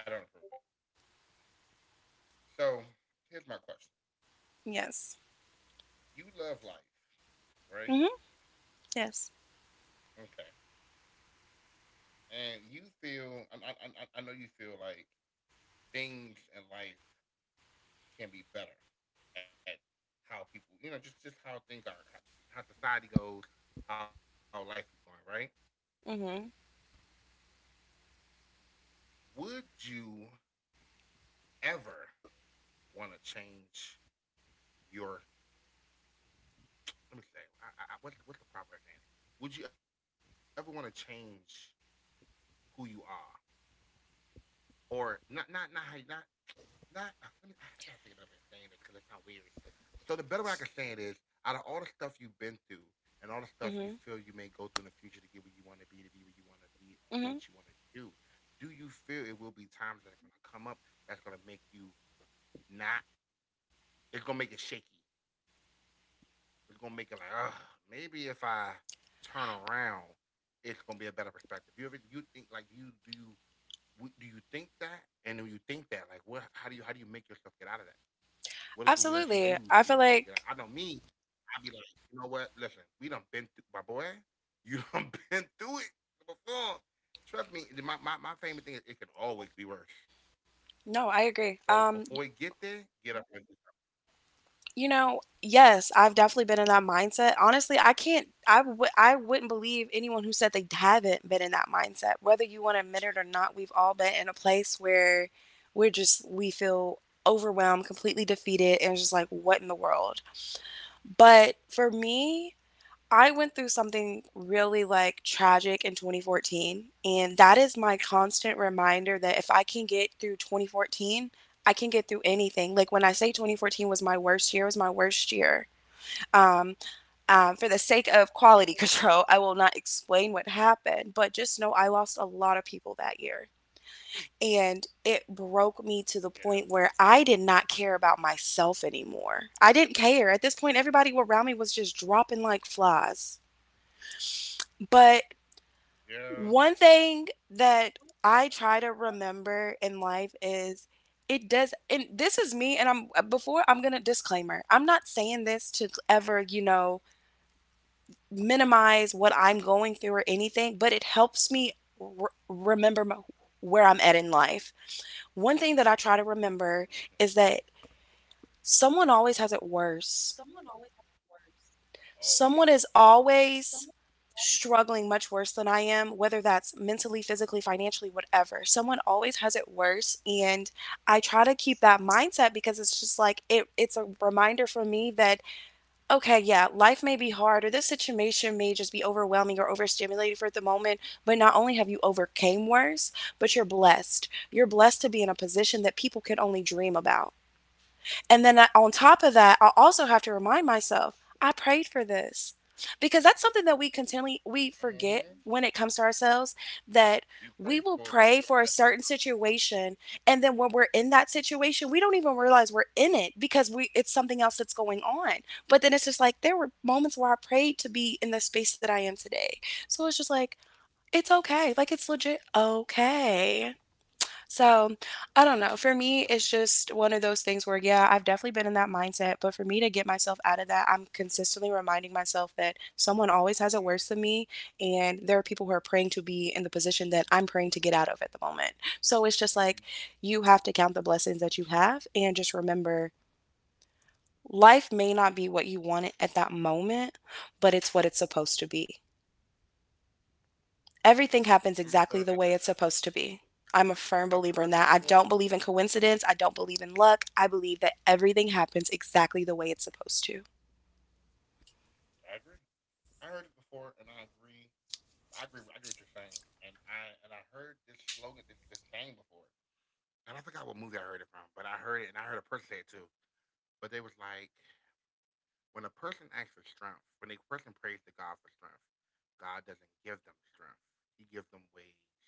I don't approve it. So here's my question.
Yes.
You love life, right?
Hmm. Yes.
Okay. And you feel, know you feel like things in life can be better at how people, you know, just how things are, how society goes, how life is going, right?
Hmm.
Would you ever want to change your let me say, what's the proper way of saying it? Would you ever want to change who you are, or not how you not? Let me, I gotta think of another way of saying this because it sounds weird. So the better way I can say it is, out of all the stuff you've been through and all the stuff you feel you may go
Hmm.
through in the future to get where you want to be where you want to be, do what you want to
Hmm.
do, do you feel it will be times that's gonna come up that's gonna make you not? It's gonna make it shaky. It's gonna make it like, ah, maybe if I turn around, it's gonna be a better perspective. You ever you think like Do you think that? And when you think that, like, what? How do you make yourself get out of that? What are good ways you use
Absolutely.
for
I
yourself
feel
to get out? I know
like
me. I'd be like, you know what? Listen, we done been through, my boy. You done been through it before. Trust me. My favorite thing is it can always be worse.
no, I
So
agree.
before you get there, get up and do
You know, yes, I've definitely been in that mindset. Honestly, I can't, I wouldn't believe anyone who said they haven't been in that mindset. Whether you want to admit it or not, we've all been in a place where we feel overwhelmed, completely defeated, and just like, what in the world? But for me, I went through something really like tragic in 2014, and that is my constant reminder that if I can get through 2014, I can get through anything. Like when I say 2014 was my worst year, it was my worst year. Um, for the sake of quality control, I will not explain what happened, but just know I lost a lot of people that year. And it broke me to the
something.
point where I did not care about myself anymore. I didn't care. At this point, everybody around me was just dropping like flies. But
Yeah. Yeah.
one thing that I try to remember in life is it does, and this is me, and I'm gonna disclaimer. I'm not saying this to ever, minimize what I'm going through or anything, but it helps me remember my, where I'm at in life. One thing that I try to remember
hmm
is that someone always has it worse. Someone is always struggling much worse than I am, whether that's mentally, physically, financially, whatever. Someone always has it worse, and I try to keep that mindset because it's just like it's a reminder for me that okay, yeah, life may be hard or this situation may just be overwhelming or overstimulated for the moment, but not only have you overcame worse, but you're blessed. You're blessed to be in a position that people can only dream about. And then I, on top of that, I also have to remind myself I prayed for this, because that's something that we continually we forget
Always.
when it comes to ourselves, that
You
we will
pray for
pray
it,
for
but you
a
don't
certain
actually come
situation,
through to it.
and then when we're in that situation we don't even realize we're in it because we it's something else that's going on. But then it's just like there were moments where I prayed to be in the space that I am today. So it's just like it's okay, like it's legit okay. So, I don't know. For
Listen,
me, it's just one of those things where, yeah, I've definitely been in that mindset. But for me to get myself out of that, I'm consistently reminding myself that someone always has it worse than
mm,
me. And there are people who are praying to be in the position that I'm praying to get out of at the moment. So it's just like
mm,
you have to count the blessings that you have and just remember life may not be what you want it at that moment, but it's what it's supposed to be. Everything happens
I'm
exactly
referring.
the way it's supposed to be. I'm a firm
I've
believer in
heard it
that. I don't
before.
believe in coincidence. I don't believe in luck. I believe that everything happens exactly the way it's supposed to.
I agree. I heard it before, and I agree. I agree. I agree with what you're saying. And I heard this slogan, this saying before. And I forgot what movie I heard it from, but I heard it, and I heard a person say it too. But they was like, when a person asks for strength, when a person prays to God for strength, God doesn't give them strength. He gives them ways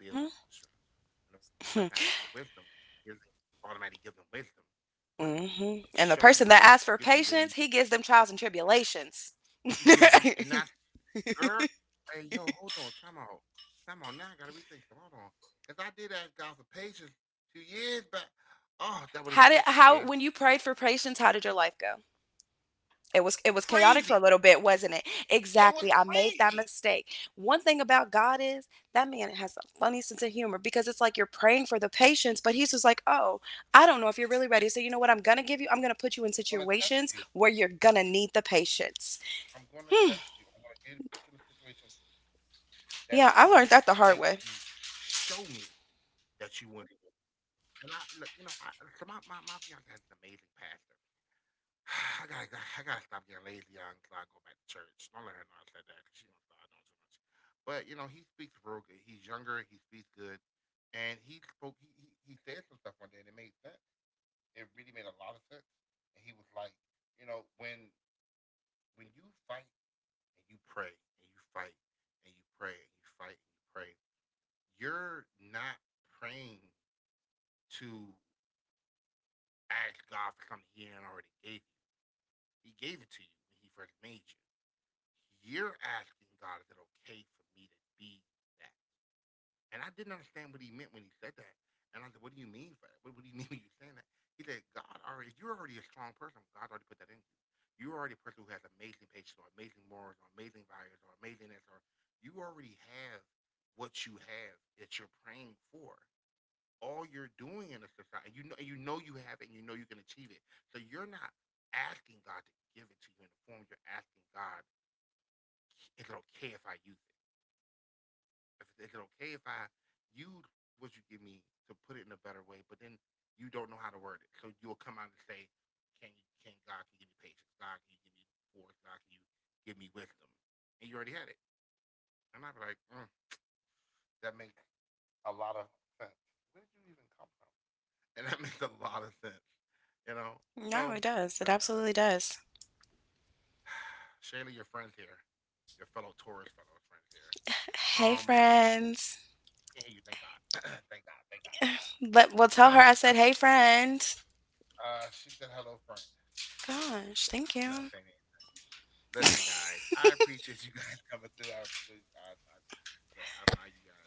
mm
to
hmm
build strength. When a person asks for wisdom, he doesn't automatically give them wisdom, but
mm
he
hmm And the person that
shows,
asks for
he gives them
patience, he
ways,
gives them trials and tribulations.
he gives you, and not, girl, hey, yo, hold on, time out. Time out, now I gotta rethink it, hold on. Because I did ask God for patience 2 years back. Oh,
How
that
did,
would explain,
how, when you
yeah.
prayed for patience, how did your life go? It was, it was chaotic for a little
Crazy!
bit, wasn't it? Exactly.
It
I
was
made that
crazy!
mistake. One thing about God is that man has a funny sense of humor, because it's like you're praying for the patience, but he's just like, "Oh, I don't know if you're really ready. So you know what I'm going to give you? I'm going to put you in
I'm gonna
situations
touch
where
you.
you're going to need the patience."
I'm gonna test you. I'm gonna get you put you in a situation that make
Yeah, I
you
learned that the hard way.
show me that you want it. And I look, you know, I so my fiance has an amazing pastor. I gotta stop getting lazy on so I can go back to church. Don't let her know I said that because she don't start doing too much. But you know, he speaks real good. He's younger. He speaks good, and he spoke. He said some stuff one day, and it made sense. It really made a lot of sense. And he was like, you know, when you fight and you pray and you fight and you pray and you fight and you pray, you're not praying to ask God for something He hadn't already gave you. He gave it to you when He first made you. You're asking God, is it okay for me to be that? And I didn't understand what he meant when he said that. And I said, what do you mean for that? What do you mean when you saying that? He said, God already, you're already a strong person. God's already put that in you. You're already a person who has amazing patience or amazing morals or amazing values or amazingness, or you already have what you have that you're praying for. All you're doing in a society, you know, you know you have it and you know you can achieve it. So you're not asking God to give it to you in the form you're asking God, is it okay if I use it? If is it okay if I use what you give me to put it in a better way, but then you don't know how to word it. So you'll come out and say, can you can God can you give me patience? God can you give me force? God can you give me wisdom? And you already had it. And I'd be like, mm, that makes a lot of sense. Where did you even come from? And that makes a lot of sense. You know?
No, it
So
does. It
look
absolutely
guys.
does.
Shayla, your friends here. Your fellow Taurus fellow friends here.
Hey
Um
friends.
I hear you thank God. Thank God.
Let, well, tell her I said, "Hey friend."
She said hello, friend.
Gosh, thank you.
I'm not saying it. Listen, guys, I appreciate you guys coming through. I, appreciate- I, look, I value you guys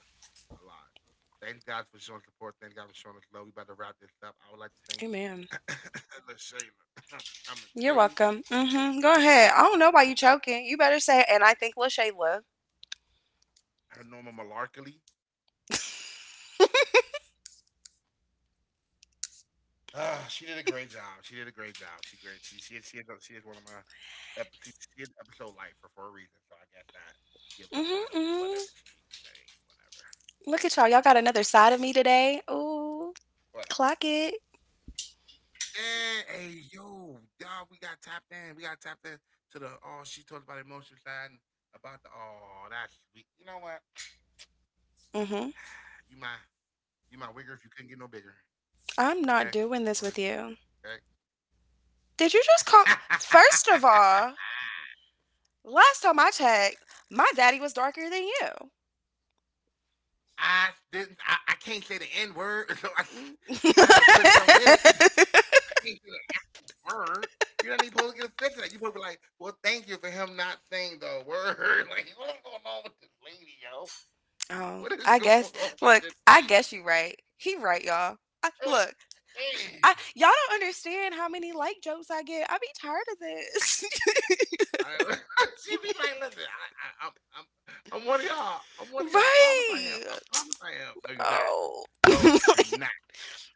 a lot. Thank God for showing support. Thank God for showing us love. We about to wrap this up. I would like to thank
Amen.
LaShayla for coming
You're
through.
welcome. Hmm. Go ahead.
Her,
I don't
her,
know why you
her,
choking. You better say, and I think
her
LaShayla.
Norma Malarkey. Ah, she did a great job. She did a great job. She great. She is one of my she is episode life for a reason. So I guess that gives the point of whatever she saying, whatever,
Mm-hmm, mm-hmm.
what,
Look at y'all. Y'all got another side of
whatever.
me today. Ooh, clock it.
Yeah, hey yo, y'all, We got tapped in to the oh, she talked about emotions and about the oh, that's sweet. You know what? You my
Mm-hmm.
you my wigger if you couldn't get no bigger. Okay, just
I'm
want to let you
not
know
doing this with
that.
you.
Okay.
Did you just call? First of all, last time I checked, my daddy was darker than you.
I didn't. I can't say the n word, so I had to put some with it. I can't say the actual word. You are not even supposed to get offended at that. You supposed to be like, well, thank you for him not saying the word. Like, what's going on with this lady, yo?
Oh,
What is
I
going
guess.
on with
Look,
this
I guess
lady?
you right. He right, y'all. I,
Hey,
look,
hey.
I, y'all don't understand how many like jokes I get. I be tired of this.
I, she be like, listen, I'm one of y'all. I'm one of y'all. I promise I am. I
Right.
promise I am. No, you're not.
Oh.
No, you're not.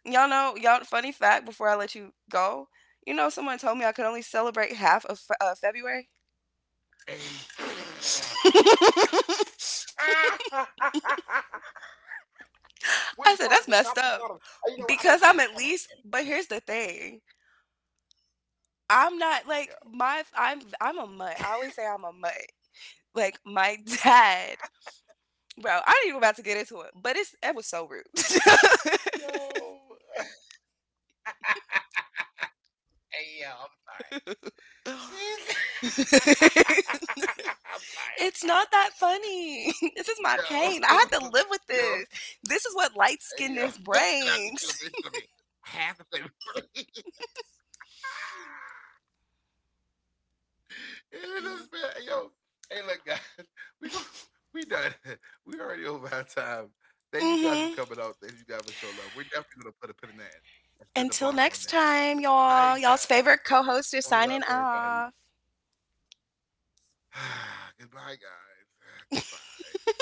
Y'all know, y'all, funny fact, before I let you go, you know, someone told me I could only celebrate half of February.
Hey.
I
Which
said,
part?
that's
The
messed
top and the
up
bottom? You know what? I
because
don't get
I'm
it.
at
Time out.
least,
Time
but here's the thing. I'm not like
out.
my, I'm a mutt. I always say I'm a mutt. Like my dad, bro, I ain't even about to get into it, but it was so rude.
Yo. Yo. hey, yo. I'm sorry. She's. I'm sorry. I'm sorry.
It's
I'm
not that
I'm sorry.
funny. This is my
Yo,
pain. I have to live with
yo,
this. This is what light
hey, yo,
skinnedness
what did I be
brings.
celebration? I mean, half a celebration. Yeah, that's bad. Hey, yo, hey, look, guys, we go, we done. We already over our time. Thank
Mm-hmm.
you guys for coming out. Thank you guys for showing love. We're definitely gonna put a pin in that
Until
and spin
next
the block
time,
on that.
y'all. Y'all's
All right,
favorite co
guys,
host is signing
one love,
off.
everybody. Goodbye, guys. Goodbye.